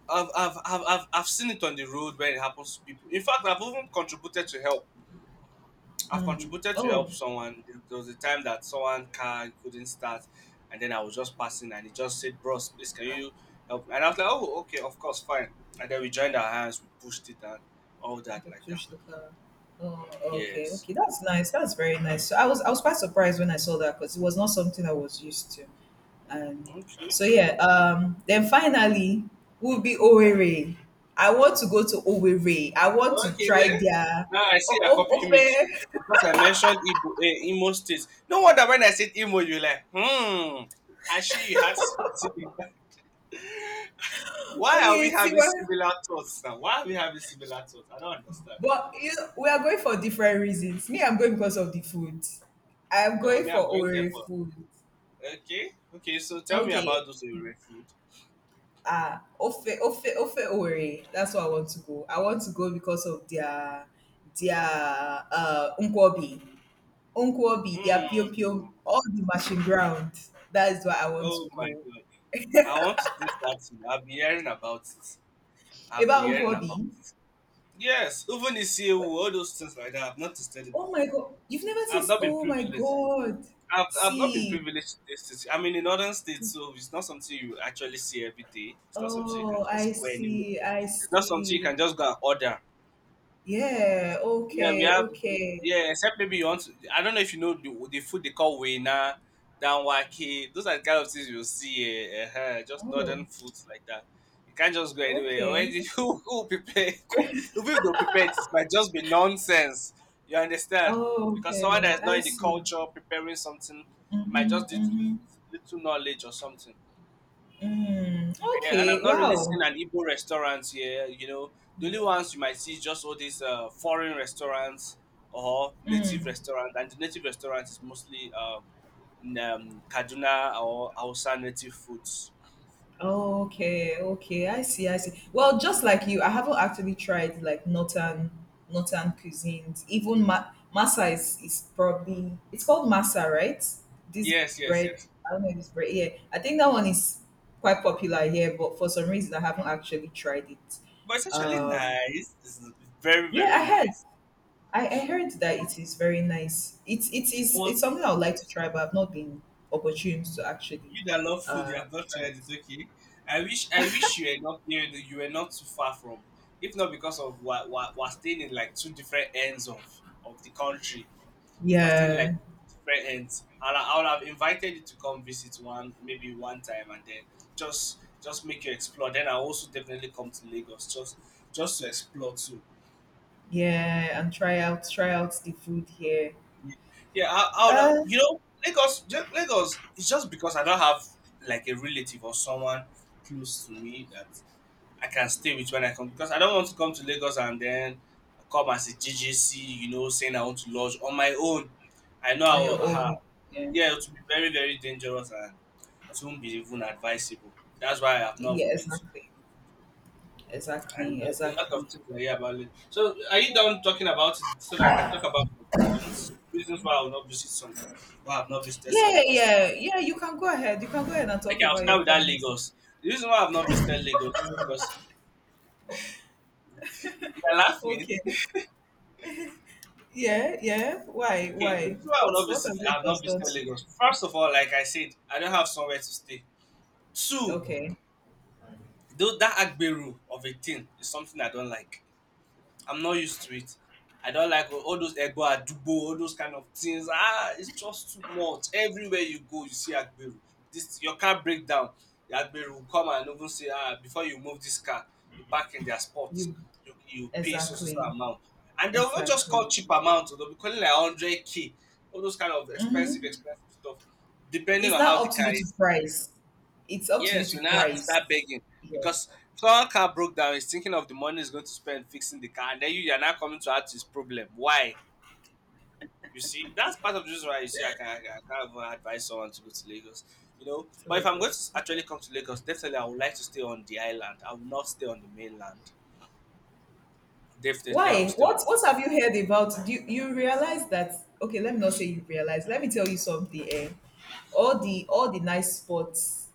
B: I've seen it on the road when it happens to people. In fact, I've even contributed to help. I've contributed to
A: Oh,
B: help someone. There was a time that someone car couldn't start, and then I was just passing, and he just said, "Bros, please, can you help me?" And I was like, "Oh, okay, of course, fine." And then we joined our hands, we pushed it, and all that
A: the
B: like that.
A: push the car. Oh, okay,
B: Yes.
A: okay. That's nice. That's very nice. So I was, I was quite surprised when I saw that because it was not something I was used to. And
B: Okay.
A: so yeah, then finally will be Owerri. I want to go to Owerri. I want to try
B: Okay.
A: their
B: Now I see you're copying me too.
A: ofe.
B: Because I mentioned Igbo, eh, Imo states. No wonder when I said Imo, you like, hmm. I see you had something. In mind. Why are we
A: Wait, see
B: having
A: what?
B: similar thoughts now? Why are we having similar thoughts? I don't understand.
A: But you know, we are going for different reasons. Me, I'm going because of the food. I'm
B: No,
A: going
B: me,
A: for
B: I'm going there
A: Ore
B: for.
A: food.
B: Okay. Okay, so tell me about
A: Okay.
B: those Ore food.
A: Ah, Ofe, Ofe, Ofe Ore. That's where I want to go. I want to go because of their their Nkwobi. Nkwobi, their Pio
B: Hmm.
A: Pio, all the machine ground. That is where I want to
B: Oh my
A: go.
B: God. I want to taste that too. I've been hearing about it. I've been
A: About
B: hearing
A: Nkwobi.
B: about it. Yes, even the year,
A: Wait,
B: all those things like that. I've not tasted it
A: oh my
B: before.
A: god. You've never
B: I've
A: tasted,
B: not been
A: oh my
B: privileged.
A: god.
B: I've not been
A: See.
B: privileged in this city. I mean, in northern states, so it's not something you actually see every day. It's not something you can
A: Oh, I
B: just go anywhere.
A: see. I
B: It's not something you
A: see.
B: can just go and order.
A: Yeah,
B: Yeah, we
A: okay,
B: have.
A: okay.
B: Yeah, except maybe you want to. I don't know if you know the food they call wena, danwake. Those are the kind of things you'll see. Just
A: Oh,
B: northern foods like that. You can't just go anywhere.
A: okay.
B: Already, who prepare? Even if they prepare, it might just be nonsense. You understand?
A: Oh,
B: Because someone
A: okay.
B: that is not
A: I
B: in the
A: see.
B: culture preparing something, it might
A: Mm-hmm,
B: just do it
A: mm-hmm,
B: with little knowledge or something.
A: mm.
B: Yeah, and
A: Okay,
B: I've not really
A: wow.
B: seen an Igbo restaurant here. You know, the only
A: Yeah.
B: ones you might see is just all these foreign restaurants or native
A: Mm.
B: restaurants, and the native restaurant is mostly Kaduna or Hausa native foods.
A: Okay, okay. I see, I see. Well, just like you, I haven't actually tried like northern, cuisines. Even ma masa is probably, it's called masa, right? This
B: Yes, yes,
A: bread.
B: yes.
A: I don't know if it's bread. Yeah, I think that one is quite popular here, but for some reason I haven't actually tried it.
B: But it's actually
A: Um,
B: nice. It's very,
A: yeah, I
B: very
A: heard.
B: nice.
A: I heard that it is very nice. It's, it is
B: But
A: it's something I would like to try, but I've not been opportune to actually
B: you that love food,
A: uh
B: you have not
A: try
B: tried
A: it.
B: it. Okay, I wish you were not near. You were not too far from. If not because of what we're staying in like two different ends of the country, I still like
A: Yeah,
B: friends, and I would have invited you to come visit one, maybe one time, and then just make you explore. Then I also definitely come to Lagos just to explore too.
A: yeah, and try out, try out the food here.
B: Yeah, I would have,
A: Uh,
B: you know Lagos. Lagos it's just because I don't have like a relative or someone close to me that I can stay with when I come because I don't want to come to Lagos and then come as a GGC, you know, saying I want to lodge on my own. I know I
A: on your
B: will. Uh,
A: own. Yeah.
B: yeah, it would be very very dangerous and it won't be even advisable. That's why I have not
A: Yeah,
B: even been to.
A: exactly.
B: And
A: Exactly,
B: a lot
A: exactly.
B: of things I hear about it. So, are you done talking about it so that I can talk about the cons? Reasons why I will not visit some, why I've not visited some
A: Yeah,
B: of these?
A: yeah, yeah. You can go ahead. You can go ahead and talk
B: Okay, I'll
A: about your
B: start with that
A: comments.
B: Lagos. The reason why I've not visited Lagos is because you're laughing.
A: Okay. Yeah, yeah. Why?
B: Okay, the
A: Why?
B: reason why
A: What's, what has
B: I've
A: Lagos
B: not
A: done
B: visited
A: to you?
B: Lagos. First of all, like I said, I don't have somewhere to stay. Two,
A: Okay.
B: though that Agberu of a thing is something I don't like. I'm not used to it. I don't like all those Egbo Adugbo, all those kind of things. Ah, it's just too much. Everywhere you go, you see Agbero. This your car break down. The Agbero will come and even say, ah, before you move this car, you park in their spot.
A: You
B: You pay so so so
A: exactly.
B: amount. And they will not just call
A: Exactly.
B: cheap amount, they'll be calling like 100K, all those kind of
A: Hmm.
B: expensive, expensive stuff, depending
A: It's
B: on
A: not
B: how the
A: up to
B: car
A: you to
B: is.
A: price. It's up to you
B: Yes,
A: to
B: you now have to
A: price.
B: start begging
A: Yeah.
B: because someone car broke down. He's thinking of the money he's going to spend fixing the car, and then you are now coming to add to his problem. Why? You see, that's part of the reason why you see I can't even advise someone to go to Lagos. You know,
A: So
B: but if
A: it
B: I'm going
A: goes.
B: to
A: Okay.
B: actually come to Lagos, definitely I would like to stay on the island. I will not stay on the mainland. Definitely, I will
A: Why?
B: stay on.
A: What have you heard about? Do you, you realize that? Okay, let me not say you realize. Let me tell you something. Eh? All the nice spots,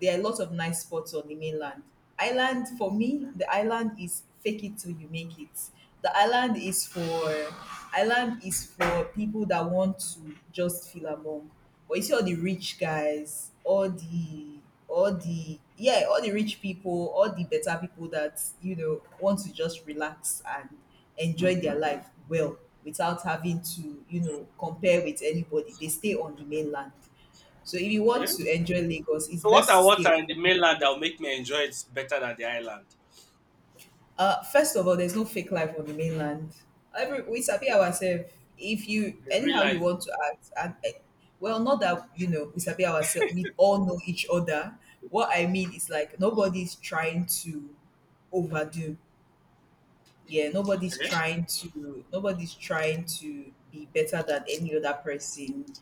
A: there are a lot of nice spots on the mainland. Island for me, the island is fake it till you make it. The island is for, island is for people that want to just feel among. But you see all the rich guys, all the yeah, all the rich people, all the better people that you know want to just relax and enjoy their life well without having to you know compare with anybody. They stay on the mainland. So if you want
B: Okay.
A: to enjoy Lagos, it's
B: So what
A: best
B: I
A: to
B: want are
A: stay.
B: in the mainland that will make me enjoy it better than the island.
A: First of all, there's no fake life on the mainland. Every, we sabi ourselves. If you
B: The real
A: anyhow you
B: life.
A: want to act, and eh, well, not that you know we sabi ourselves. We all know each other. What I mean is like nobody's trying to overdo. Yeah, nobody's
B: Okay.
A: trying to, nobody's trying to be better than any other person.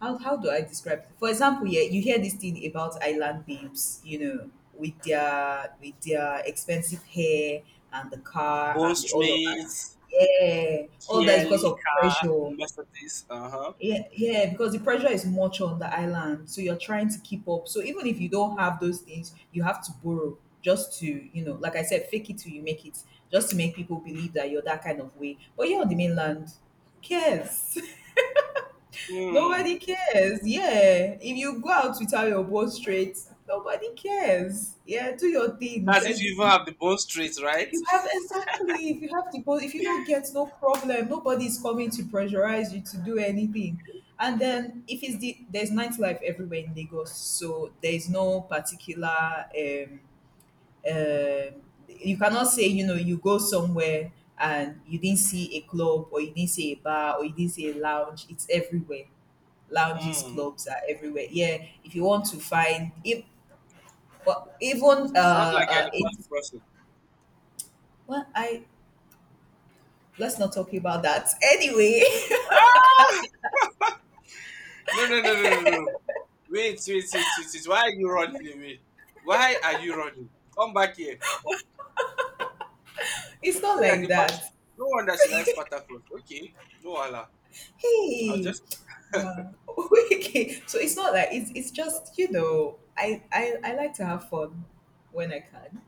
A: How do I describe it? For example, yeah, you hear this thing about island babes, you know, with their, with their expensive hair and the car
B: Bone
A: and the all of that.
B: Street,
A: Yeah, all that is because
B: GLE
A: of
B: car,
A: pressure.
B: Mercedes. Uh huh.
A: Yeah, yeah, because the pressure is much on the island, so you're trying to keep up. So even if you don't have those things, you have to borrow just to, you know, like I said, fake it till you make it, just to make people believe that you're that kind of way. But you're on the mainland, who cares? Nobody
B: Mm.
A: cares. Yeah. If you go out without your board straight, nobody cares. Yeah, do your thing.
B: That's
A: That's
B: if
A: the,
B: you even have the bone straight,
A: if
B: right?
A: you have, exactly, if you have the board, if you don't get, no problem. Nobody's coming to pressurize you to do anything. And then if it's the, there's nightlife everywhere in Lagos, so there's no particular um you cannot say, you know, you go somewhere and you didn't see a club or you didn't see a bar or you didn't see a lounge. It's everywhere, lounges,
B: Mm.
A: clubs are everywhere. Yeah, if you want to find if, but even
B: Sounds like you're the
A: it,
B: party person.
A: well, I, let's not talk about that. Anyway,
B: Ah! No, no, no, no, no, no. Wait, wait, wait, wait, wait. Why are you running away? Why are you running? Come back here.
A: it's not
B: So you're
A: like
B: the
A: that.
B: party. No wonder she likes Patacos. Okay. No, Allah. I'll
A: Hey,
B: just.
A: wow. Okay. So it's not like it's just, you know, I like to have fun when I can.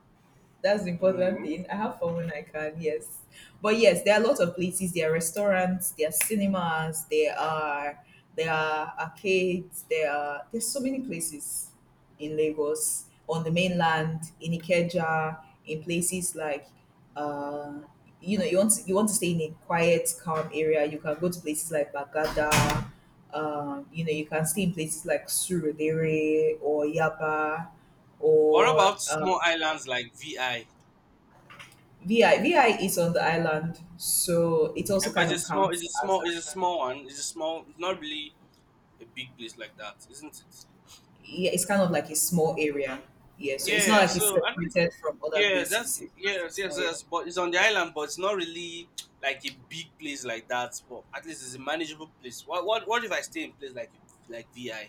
A: That's the important
B: Mm.
A: thing. I have fun when I can, yes. But yes, there are a lot of places. There are restaurants, there are cinemas, there are, there are arcades, there are, there's so many places in Lagos, on the mainland, in Ikeja, in places like uh you know, you want to stay in a quiet, calm area. You can go to places like Bagada. You know, you can stay in places like Surudere or Yaba
B: What
A: or
B: about small islands like VI?
A: VI VI is on the island, so it also
B: And but
A: kind
B: it's a
A: of
B: small,
A: counts
B: it's a
A: as
B: small,
A: the
B: it's a
A: island.
B: small one. It's not really a big place like that, isn't it?
A: Yeah, it's kind of like a small area. Yeah, so it's not
B: Yeah,
A: like it's
B: so at least,
A: separated from other
B: yeah,
A: places. It's just a
B: yes,
A: small
B: yes,
A: area.
B: yes. But it's on the island, but it's not really like a big place like that. But at least it's a manageable place. What if I stay in place like VI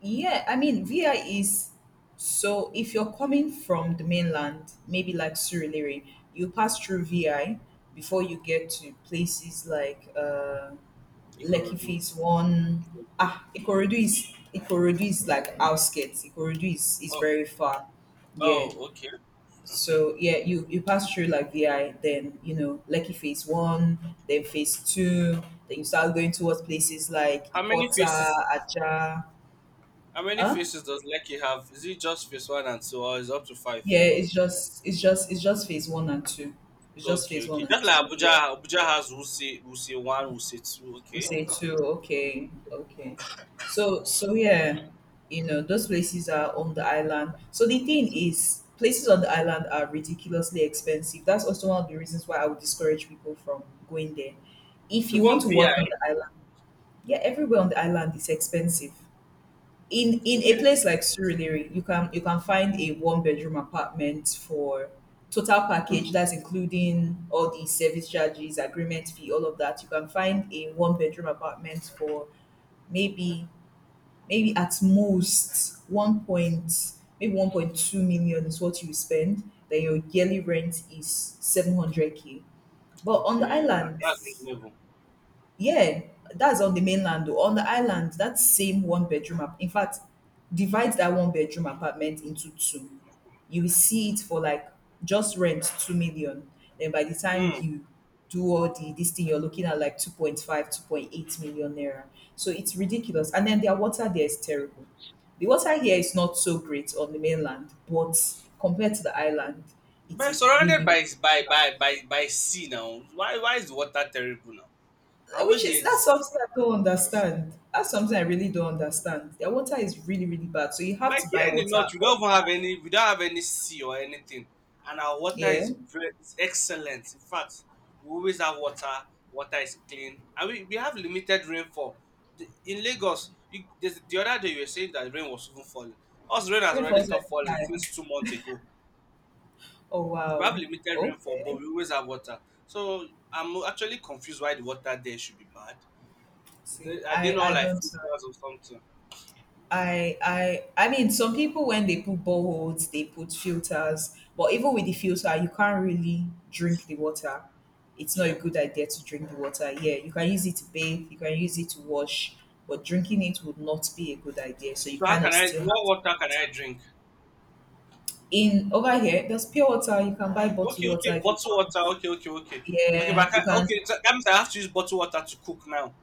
A: Yeah, I mean VI is, so if you're coming from the mainland, maybe like Surulere, you pass through VI before you get to places like Lekki
B: Ikorodu?
A: Phase One.
B: Okay.
A: Ah, Ikorodu is like outskirts. Ikorodu is
B: Oh
A: very far. Yeah.
B: oh, okay.
A: So yeah, you, pass through like VI, then you know Lekki phase one, then phase two, then you start going towards places like
B: How many
A: Ikota,
B: faces?
A: Aja.
B: How many
A: Huh?
B: faces does Lekki have? Is it just face one and two, or is it up to
A: Yeah,
B: five?
A: it's just it's just phase one and two. It's just phase
B: Okay,
A: one
B: okay.
A: and
B: Just like
A: two. Yeah.
B: Abuja has Wuse, Wuse one, Wuse two.
A: We
B: Okay.
A: say two. Okay, okay. So, so yeah, you know, those places are on the island. So the thing is, places on the island are ridiculously expensive. That's also one of the reasons why I would discourage people from going there. If you want
B: Even
A: to
B: VI.
A: work on the island, yeah, everywhere on the island is expensive. In a
B: Okay.
A: place like Surulere, you can find a one bedroom apartment for, total package, that's including all the service charges, agreement fee, all of that. You can find a one bedroom apartment for maybe maybe at most 1.2 million is what you spend. Then your yearly rent is 700 k. But on the
B: Okay.
A: island,
B: That's reasonable.
A: yeah, that's on the mainland though. On the island, that same one bedroom in fact, divide that one bedroom apartment into two. You will see it for like just rent 2 million. Then by the time
B: Hmm.
A: you do all the this thing, you're looking at like 2.5, 2.8 million naira. So it's ridiculous. And then their water there is terrible. The water here is not so great on the mainland, but compared to the island, it
B: Man,
A: is
B: surrounded
A: really,
B: by
A: really
B: by
A: bad.
B: by by by sea now. Why is the water terrible now? I wish
A: Which is
B: here this
A: That's something I don't understand. That's something I really don't understand. Their water is really, really bad. So you have
B: Like
A: to
B: here
A: buy
B: in the
A: water
B: north
A: all the
B: we don't have any sea or anything, and our
A: time.
B: water
A: Yeah.
B: is very is excellent. In fact, we always have water. Water is clean, and we have limited rainfall. In Lagos, the other day you were saying that rain was even falling. Us rain has already
A: Rainfalls
B: stopped falling
A: anytime.
B: since 2 months ago.
A: Oh,
B: We have
A: wow.
B: limited rainfall, but
A: Okay.
B: we always have water. So I'm actually confused why the water there should be bad.
A: See,
B: Are they
A: I
B: not
A: I
B: like
A: don't know.
B: filters or something?
A: I mean, some people when they put boreholes, they put filters, but even with the filter, you can't really drink the water. It's not a
B: Okay.
A: good idea to drink the water. Yeah, you can use it to bathe, you can use it to wash, but drinking it would not be a good idea. So you
B: So how
A: kind
B: can
A: of
B: I?
A: still have
B: What
A: to
B: water
A: drink
B: can I
A: water.
B: drink?
A: In Over here, there's pure water. You can buy bottled
B: Okay, okay,
A: water if you
B: bottled
A: want.
B: water. Okay, okay, okay, okay.
A: Yeah,
B: But I
A: you
B: can't,
A: can.
B: okay, so that means I have to use bottled water to cook now.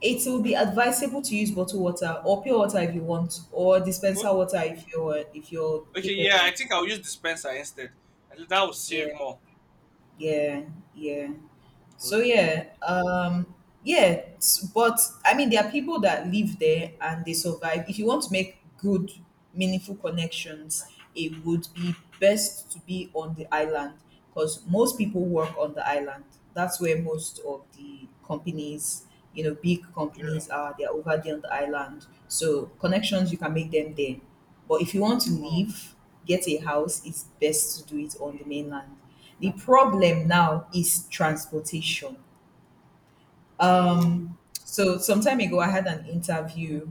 A: It will be advisable to use bottled water or pure water if you want, or
B: O-
A: dispenser water if you're
B: Okay, yeah, I
A: capable.
B: think I'll use dispenser instead. I think that will save
A: Yeah.
B: more.
A: Yeah, yeah. So
B: Okay.
A: yeah, yeah, but I mean, there are people that live there and they survive. If you want to make good, meaningful connections, it would be best to be on the island because most people work on the island. That's where most of the companies, big
B: Yeah.
A: companies are. They're over there on the island. So connections you can make them there. But if you want to leave, get a house, it's best to do it on the mainland. The problem now is transportation.
B: Hmm.
A: So some time ago, I had an interview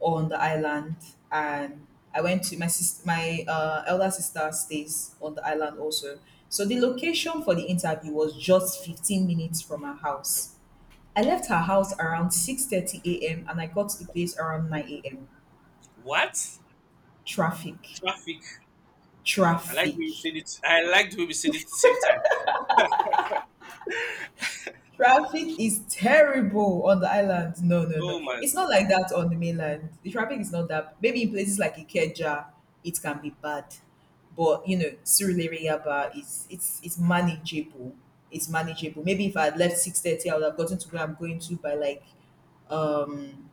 A: on the island, and I went to my sister, my elder sister stays on the island also. So the location for the interview was just 15 minutes from her house. I left her house around 6:30 a.m. and I got to the place around 9 a.m.
B: What
A: Traffic,
B: traffic? I like the way you
A: traffic.
B: said it. I like the way we said it at the same time.
A: Traffic is terrible on the island. No, no, no.
B: Oh my
A: It's not
B: god.
A: like that on the mainland. The traffic is not that. Maybe in places like Ikeja, it can be bad, but you know, Surulere is it's manageable. It's manageable. Maybe if I had left 6:30, I would have gotten to where I'm going to by like um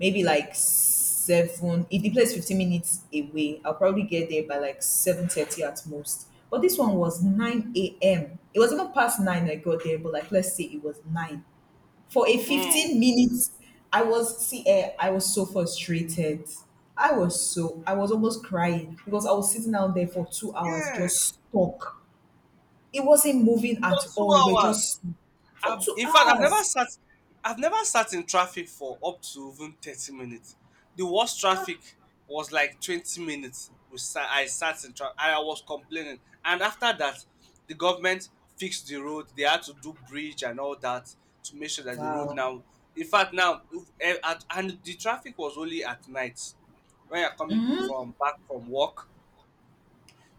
A: maybe like seven. If the place is 15 minutes away, I'll probably get there by like 7:30 at most. But this one was 9 a.m. It was even past 9. I got there, but like, let's say it was 9 for a
B: Hmm.
A: 15 minutes. I was See, I was so frustrated. I was almost crying because I was sitting out there for 2 hours,
B: Yes.
A: just stuck. It wasn't moving at
B: For two
A: all. We were
B: hours.
A: just for two
B: In fact, I've never
A: hours
B: sat, I've never sat in traffic for up to even 30 minutes. The worst traffic was like 20 minutes. I sat in traffic, and I was complaining. And after that, the government fixed the road. They had to do bridge and all that to make sure that the road
A: Wow.
B: now. In fact, now and the traffic was only at night when you're coming from back from work.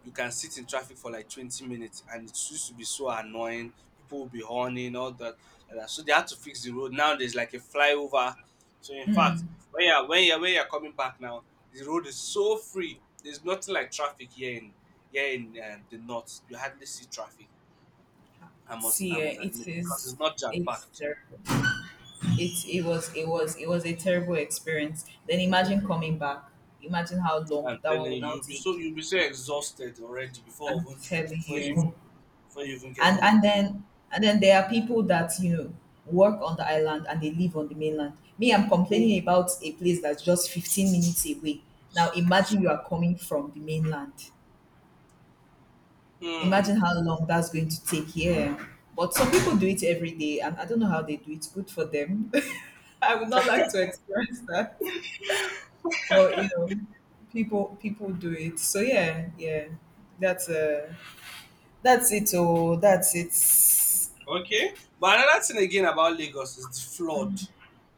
B: You can sit in traffic for like 20 minutes and it used to be so annoying. People will be horning all that like that. So they had to fix the road. Now there's like a flyover. So in fact, when you're coming back now the road is so free. There's nothing like traffic here in the north. You hardly see traffic. i must i
A: See,
B: must
A: it
B: admit because
A: is.
B: it's not jam
A: It's
B: packed.
A: terrible. It was a terrible experience. Then imagine coming back. Imagine how long
B: I'm
A: that one
B: telling
A: will
B: you,
A: now
B: you'll be
A: take.
B: so you'll be so exhausted already before
A: I'm telling
B: before you
A: you.
B: even- before you even get
A: And
B: home.
A: and then and then there are people that work on the island and they live on the mainland. Me, I'm complaining about a place that's just 15 minutes away. Now imagine you are coming from the mainland.
B: Hmm.
A: Imagine how long that's going to take. Yeah. But some people do it every day, and I don't know how they do it. Good for them. I would not like to experience that. But people do it. So yeah, yeah. That's uh that's it. Oh, that's it.
B: Okay. But another thing again about Lagos is the flood.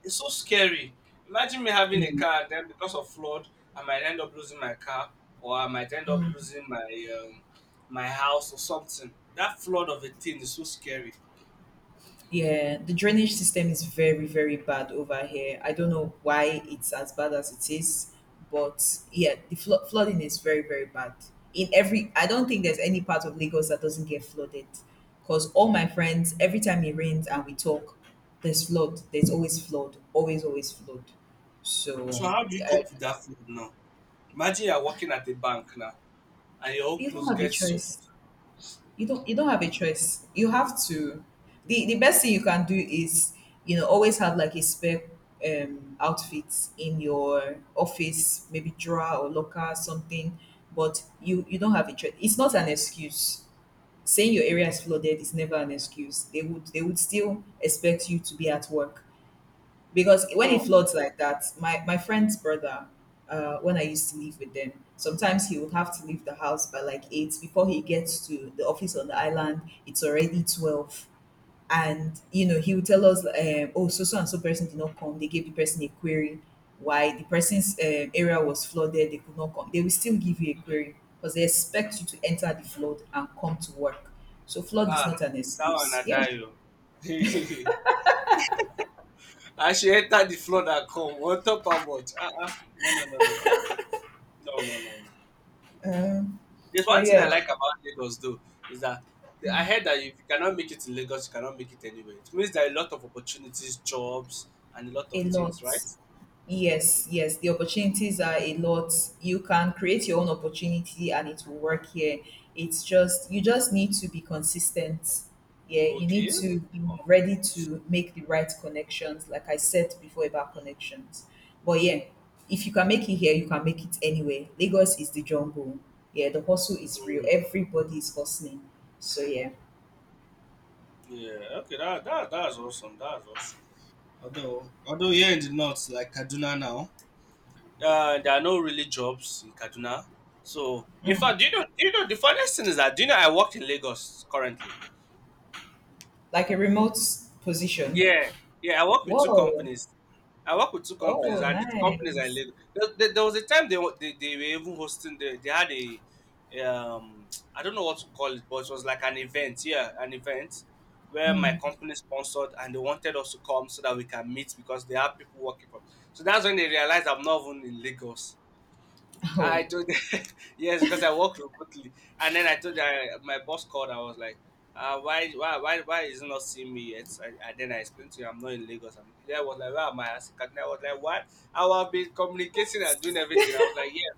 B: It's so scary. Imagine me having
A: Yeah.
B: a car, then because of flood, I might end up losing my car, or I might end up losing um, my house or something. That flood of a thing is so scary.
A: Yeah, the drainage system is very, very bad over here. I don't know why it's as bad as it is, but yeah, the flooding is very, very bad. I don't think there's any part of Lagos that doesn't get flooded. Because all my friends, every time it rains and we talk, there's flood. There's always flood. Always, always flood.
B: So
A: So
B: how do you
A: I,
B: cope with that flood now? Imagine you're working at a bank now, and your whole
A: you don't
B: clothes
A: have a
B: get soaked.
A: choice. You don't have a choice. You have to. The best thing you can do is, always have like a spare outfit in your office, maybe drawer or locker, something. But you don't have a choice. It's not an excuse. Saying your area is flooded is never an excuse. They would still expect you to be at work because when
B: Hmm.
A: it floods like that, my friend's brother, when I used to live with them, sometimes he would have to leave the house by like 8 before he gets to the office on the island. It's already 12, and he would tell us, "Oh, so so and so person did not come. They gave the person a query why the person's area was flooded. They could not come. They will still give you a query because they expect you to enter the flood and come to work. So flood is not
B: Ah,
A: an
B: that one
A: excuse.
B: I
A: Yeah,
B: die o. I should enter the flood and come. What top how much? Ah, ah. No, no, no, no, no, no, no, no, no, no, no.
A: um,
B: There's
A: but
B: one thing
A: yeah,
B: I like about Lagos though is that I heard that if you cannot make it in Lagos, you cannot make it anywhere. It means there are a lot of opportunities, jobs, and a lot
A: a
B: of things,
A: lot.
B: right?
A: Yes, yes, the opportunities are a lot. You can create your own opportunity and it will work here. It's just, you just need to be consistent. Yeah, you need
B: Okay.
A: to be
B: Oh,
A: ready to make the right connections, like I said before about connections. But yeah, if you can make it here, you can make it anywhere. Lagos is the jungle. Yeah, the hustle is real.
B: mm,
A: Everybody is hustling. So yeah,
B: yeah. Okay. That's awesome. That's awesome. Although here in the north, like Kaduna now, there are no really jobs in Kaduna. So, in fact, do you know? Do you know the funniest thing is that do you know I work in Lagos currently?
A: like a remote position.
B: Yeah, yeah. I work with two
A: Whoa.
B: companies. I work with two companies,
A: Oh,
B: and the companies I
A: nice.
B: Lagos. There was a time they were even hosting. They had a um I don't know what to call it, but it was like an event. Yeah, an event where my company sponsored, and they wanted us to come so that we can meet because they have people working from. So that's when they realized I'm not even in Lagos. I
A: Oh,
B: told them, yes, because I work remotely, and then I told her my boss called. I was like, why is he not seeing me yet? Then I explained to him I'm not in Lagos. And he was like, where am I? I said, "Kaduna." I was like, what? I have been communicating and doing everything. I was like, yes.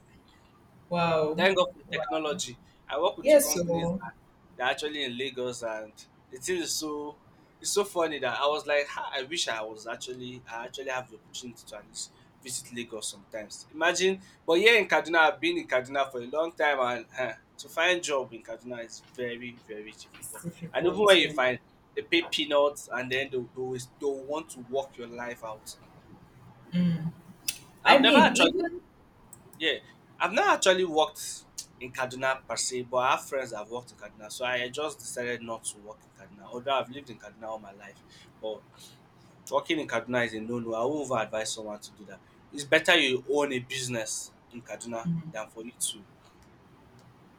A: wow.
B: Thank God for
A: Wow.
B: technology. I work with two
A: Yes,
B: companies
A: so
B: that they're actually in Lagos, and the thing is so it's so funny that I was like, "Ha, I wish I was actually I actually have the opportunity to at least visit Lagos sometimes. Imagine, but here in Kaduna, I've been in Kaduna for a long time, and to find job in Kaduna is very very
A: it's
B: difficult. And even
A: difficult.
B: when you
A: Yeah.
B: find, they pay peanuts, and then they always they want to work your life out.
A: I
B: I've never
A: mean,
B: actually
A: even
B: Yeah, I've not actually worked in Kaduna per se, but I have friends that have worked in Kaduna. So I just decided not to work in Kaduna. Although I've lived in Kaduna all my life, but working in Kaduna is a no-no. I would over advise someone to do that. It's better you own a business in Kaduna than for you to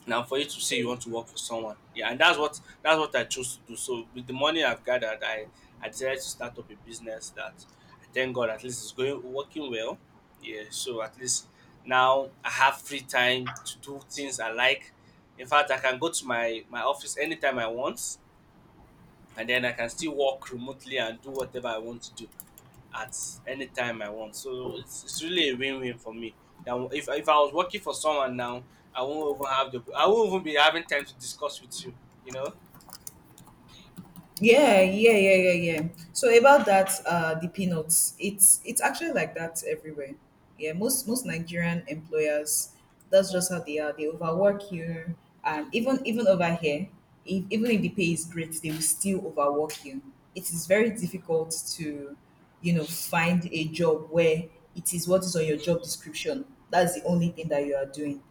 B: say you
A: so.
B: want to work for someone. Yeah, and that's what I chose to do. So with the money I've gathered, I decided to start up a business that I thank God at least is going working well. Yeah, so at least now I have free time to do things I like. In fact, I can go to my office anytime I want and then I can still work remotely and do whatever I want to do at any time I want. So it's really a win-win for me. Now, if I was working for someone now, I won't even be having time to discuss with you. You know?
A: Yeah, yeah, yeah, yeah, yeah. So about that, the peanuts. It's actually like that everywhere. Yeah, most Nigerian employers, that's just how they are. They overwork you, and even over here, if, even if the pay is great, they will still overwork you. It is very difficult to find a job where it is what is on your job description. That's the only thing that you are doing.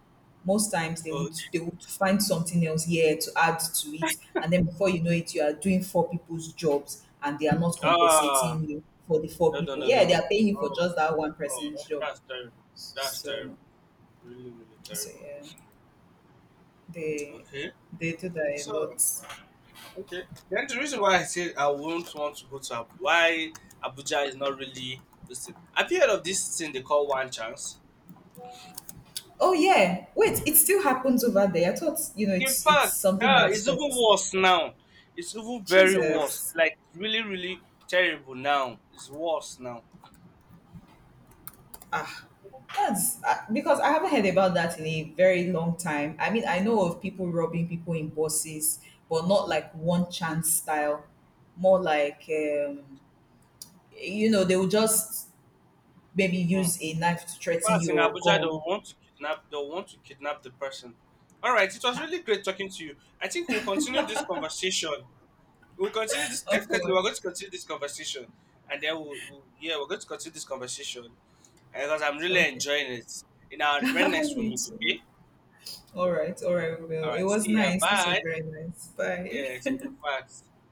A: Most times they
B: Oh,
A: would they would find something else here to add to it, and then before you know it, you are doing four people's jobs, and they are not
B: ah,
A: compensating you for the four
B: no, no,
A: people.
B: no,
A: Yeah,
B: no,
A: they
B: no.
A: are paying you for
B: Oh,
A: just that one
B: oh,
A: person's
B: that,
A: job.
B: that's terrible. That's terrible.
A: So,
B: Really, really
A: so
B: terrible.
A: yeah, they
B: Okay.
A: they do that a
B: So
A: lot.
B: okay. Then the reason why I said I won't want to go to why Abuja is not really this thing. Have you heard of this thing they call one chance?
A: Oh yeah, wait, it still happens over there. I thought
B: In
A: it's
B: fact,
A: something
B: yeah,
A: that
B: it's even
A: stopped.
B: worse now. It's even very worse.
A: Jesus.
B: Like it's really, really terrible now. It's worse now.
A: That's because I haven't heard about that in a very long time. I mean, I know of people robbing people in buses, but not like one chance style. More like, they will just maybe
B: Mm.
A: use a knife to
B: In
A: threaten
B: fact,
A: you
B: in
A: or
B: Abuja, they
A: gun.
B: will want to kidnap. They will want to kidnap the person. All right. It was
A: Ha.
B: really great talking to you. I think we'll continue this conversation. We'll continue this.
A: Of
B: Definitely, we're
A: course.
B: going to continue this conversation, and then we'll, yeah, we're going to continue this conversation because I'm really
A: Okay.
B: enjoying it. In our When next we
A: Me
B: meet,
A: too.
B: okay?
A: All right. All right, we
B: All
A: will. It
B: right.
A: was
B: See ya.
A: nice. This was
B: Bye.
A: very nice. Bye.
B: Yeah. So in fact.